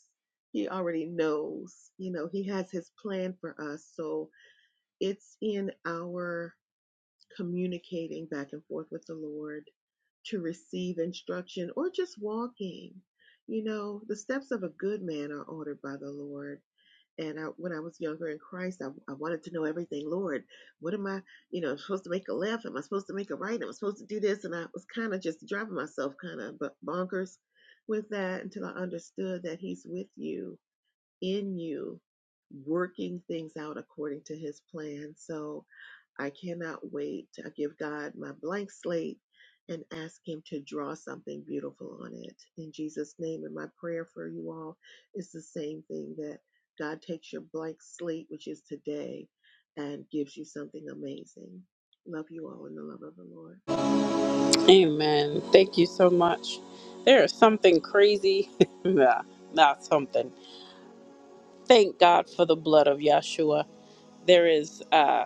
[SPEAKER 6] He already knows, you know, He has His plan for us. So it's in our communicating back and forth with the Lord to receive instruction or just walking. You know, the steps of a good man are ordered by the Lord and I, when I was younger in Christ, I, I wanted to know everything. Lord, what am I, you know, supposed to make a left? Am I supposed to make a right? Am I supposed to do this? And I was kind of just driving myself kind of bonkers with that until I understood that He's with you, in you, working things out according to His plan. So, I cannot wait. I give God my blank slate and ask Him to draw something beautiful on it. In Jesus' name, and my prayer for you all is the same thing that God takes your blank slate, which is today, and gives you something amazing. Love you all in the love of the Lord.
[SPEAKER 1] Amen. Thank you so much. There is something crazy. nah, not something. Thank God for the blood of Yahshua. There is uh,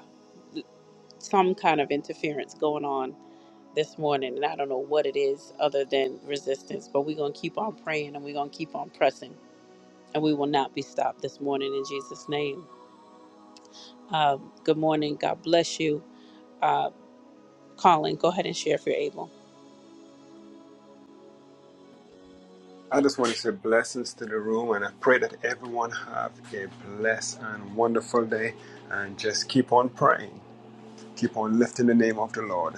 [SPEAKER 1] some kind of interference going on this morning, and I don't know what it is other than resistance, but we're going to keep on praying and we're going to keep on pressing and we will not be stopped this morning in Jesus' name. Uh, good morning. God bless you. Uh, Colin, go ahead and share if you're able.
[SPEAKER 5] I just want to say blessings to the room, and I pray that everyone have a blessed and wonderful day, and just keep on praying, keep on lifting the name of the Lord.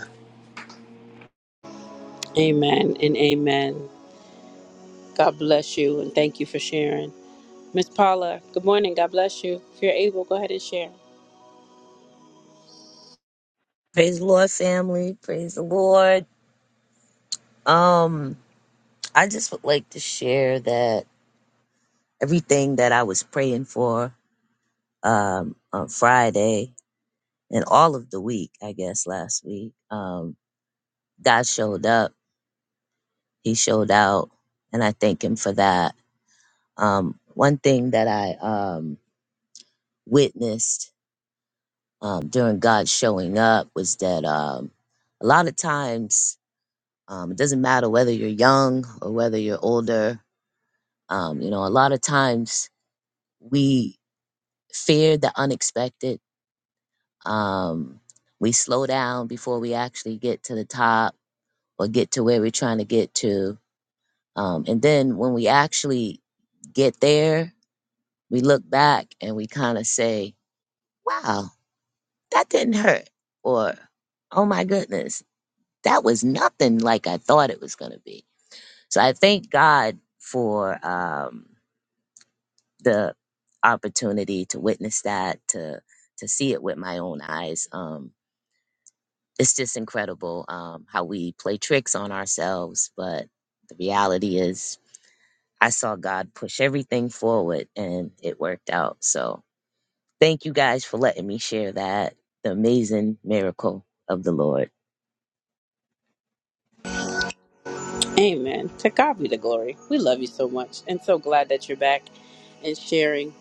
[SPEAKER 1] Amen and amen. God bless you and thank you for sharing. Miss Paula, good morning. God bless you. If you're able, go ahead and share.
[SPEAKER 3] Praise the Lord, family. Praise the Lord. Um, I just would like to share that everything that I was praying for. um, on Friday and all of the week, I guess last week. Um, God showed up, He showed out, and I thank Him for that. Um, one thing that I um, witnessed um, during God showing up was that um, a lot of times um, it doesn't matter whether you're young or whether you're older, um, you know, a lot of times we fear the unexpected. Um, we slow down before we actually get to the top or get to where we're trying to get to. Um, and then when we actually get there, we look back and we kind of say, wow, that didn't hurt. Or, oh my goodness, that was nothing like I thought it was going to be. So I thank God for um, the opportunity to witness that, to, to see it with my own eyes. Um, it's just incredible um, how we play tricks on ourselves, but the reality is I saw God push everything forward and it worked out. So thank you guys for letting me share that, the amazing miracle of the Lord.
[SPEAKER 1] Amen. To God be the glory. We love you so much and so glad that you're back and sharing.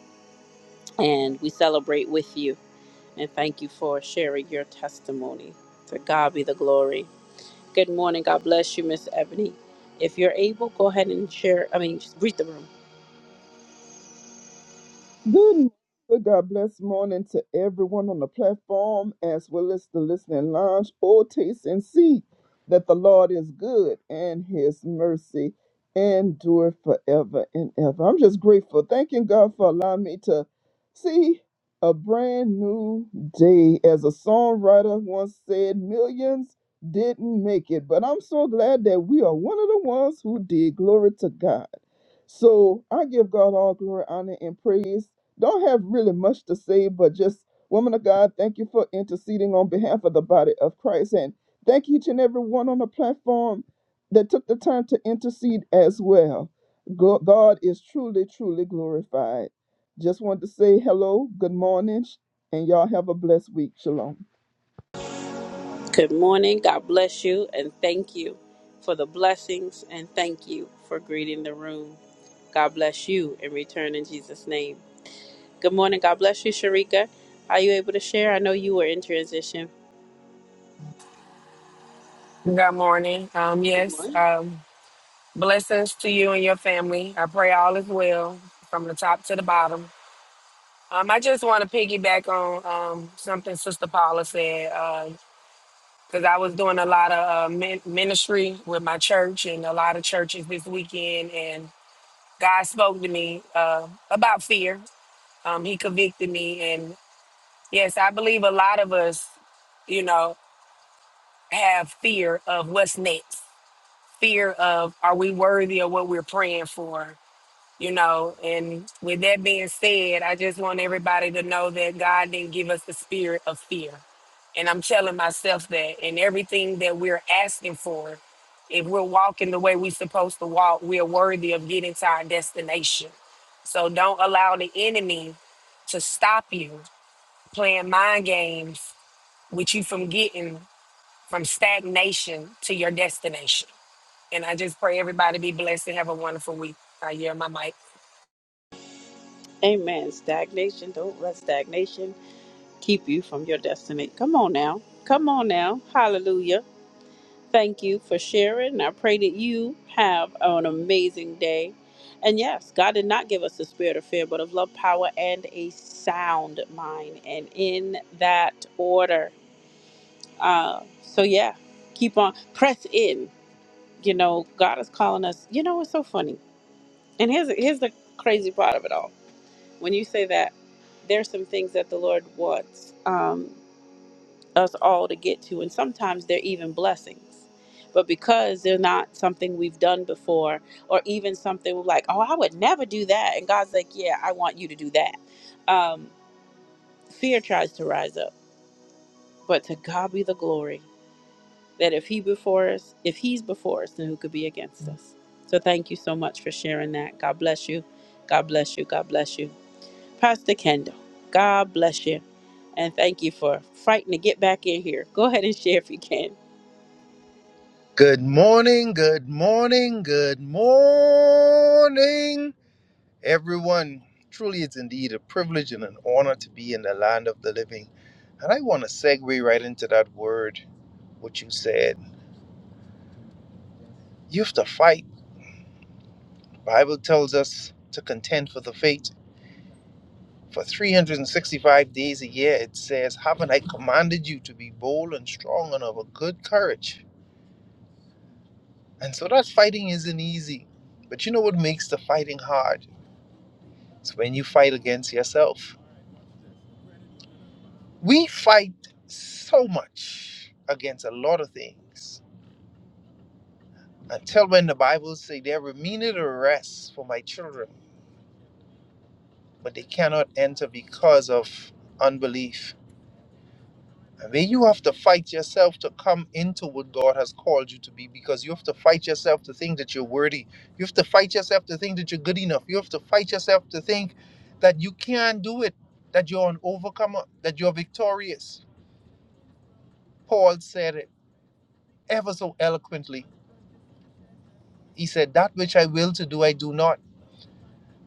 [SPEAKER 1] And we celebrate with you and thank you for sharing your testimony. To God be the glory. Good morning. God bless you, Miss Ebony. If you're able, go ahead and share. I mean, just read the room.
[SPEAKER 7] Good morning. God bless morning to everyone on the platform as well as the listening lounge. Oh, taste and see that the Lord is good and his mercy endure forever and ever. I'm just grateful. Thanking God for allowing me to see a brand new day. As a songwriter once said, millions didn't make it, but I'm so glad that we are one of the ones who did. Glory to God. So I give God all glory, honor, and praise don't have really much to say, but just, woman of God, thank you for interceding on behalf of the body of Christ. And thank each and every one on the platform that took the time to intercede as well. Go- God is truly, truly glorified. Just wanted to say hello, good morning, and y'all have a blessed week. Shalom.
[SPEAKER 1] Good morning. God bless you and thank you for the blessings and thank you for greeting the room. God bless you in return in Jesus' name. Good morning. God bless you, Sharika. Are you able to share? I know you were in transition.
[SPEAKER 2] Good morning. Um, yes. Um. Blessings to you and your family. I pray all is well from the top to the bottom. Um, I just want to piggyback on um, something Sister Paula said because I was doing a lot of uh, min- ministry with my church and a lot of churches this weekend, and God spoke to me uh, about fear. Um, he convicted me, and yes, I believe a lot of us, you know, have fear of what's next, fear of are we worthy of what we're praying for you know. And with that being said, I just want everybody to know that God didn't give us the spirit of fear. And I'm telling myself that, and everything that we're asking for, if we're walking the way we're supposed to walk, we're worthy of getting to our destination. So don't allow the enemy to stop you playing mind games with you from getting from stagnation to your destination. And I just pray everybody be blessed and have a wonderful week. I hear my mic.
[SPEAKER 1] Amen. Stagnation. Don't let stagnation keep you from your destiny. Come on now. Come on now. Hallelujah. Thank you for sharing. I pray that you have an amazing day. And yes, God did not give us the spirit of fear, but of love, power, and a sound mind. And in that order. Uh, so, yeah, keep on, press in. You know, God is calling us. You know, it's so funny. And here's, here's the crazy part of it all. When you say that, there's some things that the Lord wants. Um, us all to get to, and sometimes they're even blessings. But because they're not something we've done before, or even something we're like, oh, I would never do that. And God's like, yeah, I want you to do that. Um, fear tries to rise up, but to God be the glory that if He before us, if He's before us, then who could be against us? So thank you so much for sharing that. God bless you. God bless you. God bless you. Pastor Kendall, God bless you. And thank you for fighting to get back in here. Go ahead and share if you can.
[SPEAKER 4] Good morning, good morning, good morning, everyone. Truly, it's indeed a privilege and an honor to be in the land of the living. And I want to segue right into that word, what you said. You have to fight. The Bible tells us to contend for the faith. For 365 days a year, it says, Haven't I commanded you to be bold and strong and of a good courage? And so that fighting isn't easy. But you know what makes the fighting hard? It's when you fight against yourself. We fight so much against a lot of things until when the Bible say there remained a rest for my children, but they cannot enter because of unbelief. And then you have to fight yourself to come into what God has called you to be because you have to fight yourself to think that you're worthy. You have to fight yourself to think that you're good enough. You have to fight yourself to think that you can do it, that you're an overcomer, that you're victorious. Paul said it ever so eloquently He said, That which I will to do, I do not.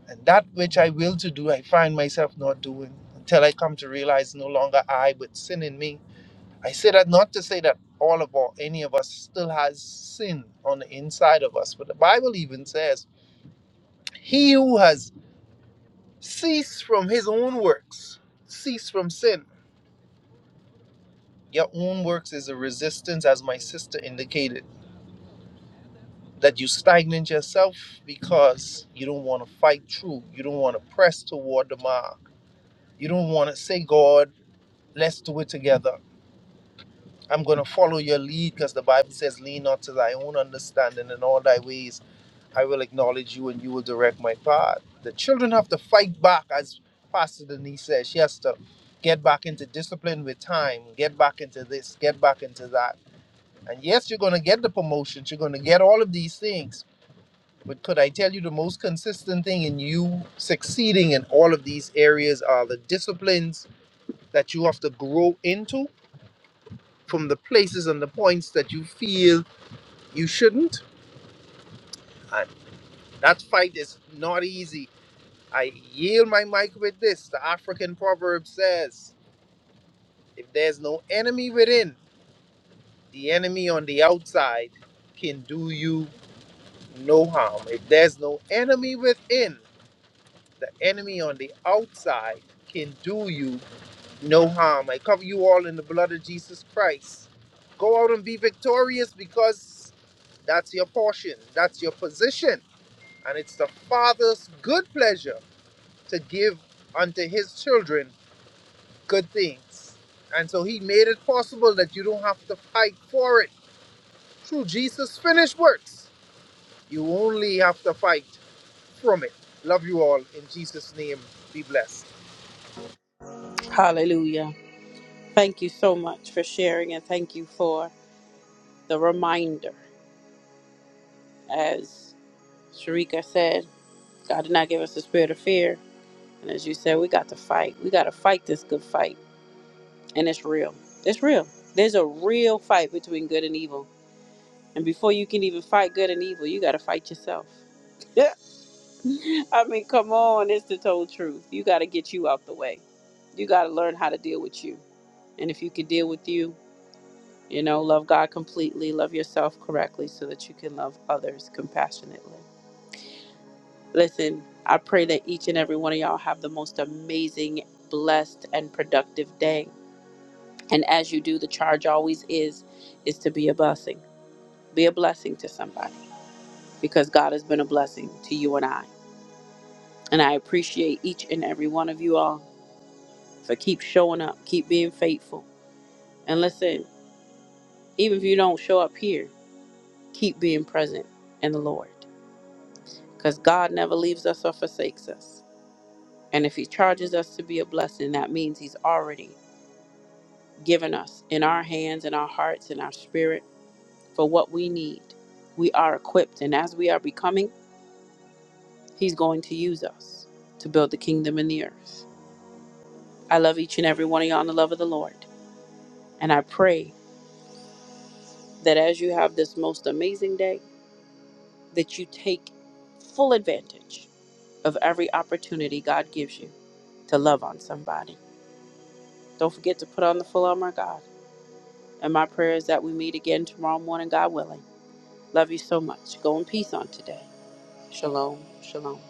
[SPEAKER 4] And that which I will to do, I find myself not doing until I come to realize no longer I, but sin in me. I say that not to say that all of or any of us still has sin on the inside of us, but the Bible even says, He who has ceased from his own works, cease from sin. Your own works is a resistance, as my sister indicated, that you stagnate yourself because you don't want to fight through, you don't want to press toward the mark You don't want to say, God, let's do it together. I'm going to follow your lead because the Bible says, lean not to thy own understanding in all thy ways. I will acknowledge you and you will direct my path. The children have to fight back, as Pastor Denise says. She has to get back into discipline with time, get back into this, get back into that. And yes, you're going to get the promotions, you're going to get all of these things. But could I tell you the most consistent thing in you succeeding in all of these areas are the disciplines that you have to grow into from the places and the points that you feel you shouldn't. And that fight is not easy. I yield my mic with this. The African proverb says if there's no enemy within, the enemy on the outside can do you no harm. If there's no enemy within, the enemy on the outside can do you no harm. I cover you all in the blood of Jesus Christ. Go out and be victorious because That's your portion. That's your position. And it's the Father's good pleasure to give unto his children good things. And so he made it possible that you don't have to fight for it. Through Jesus' finished works, you only have to fight from it. Love you all. In Jesus' name, be blessed.
[SPEAKER 1] Hallelujah. Thank you so much for sharing and thank you for the reminder. As Sharika said, God did not give us the spirit of fear. And as you said, we got to fight. We got to fight this good fight. And it's real. It's real. There's a real fight between good and evil. And before you can even fight good and evil, you got to fight yourself. I mean, come on. It's the total truth. You got to get you out the way. You got to learn how to deal with you. And if you can deal with you, You know, love God completely, love yourself correctly so that you can love others compassionately. Listen, I pray that each and every one of y'all have the most amazing, blessed, and productive day. And as you do, the charge always is is to be a blessing. Be a blessing to somebody because God has been a blessing to you and I. And I appreciate each and every one of you all for keep showing up, keep being faithful. And listen, even if you don't show up here, keep being present in the Lord. because God never leaves us or forsakes us. And if He charges us to be a blessing, that means He's already given us in our hands, in our hearts, in our spirit for what we need. We are equipped, and as we are becoming, He's going to use us to build the kingdom in the earth. I love each and every one of y'all in the love of the Lord, and I pray that as you have this most amazing day, that you take full advantage of every opportunity God gives you to love on somebody. Don't forget to put on the full armor of God And my prayer is that we meet again tomorrow morning, God willing. Love you so much. Go in peace on today. Shalom. Shalom.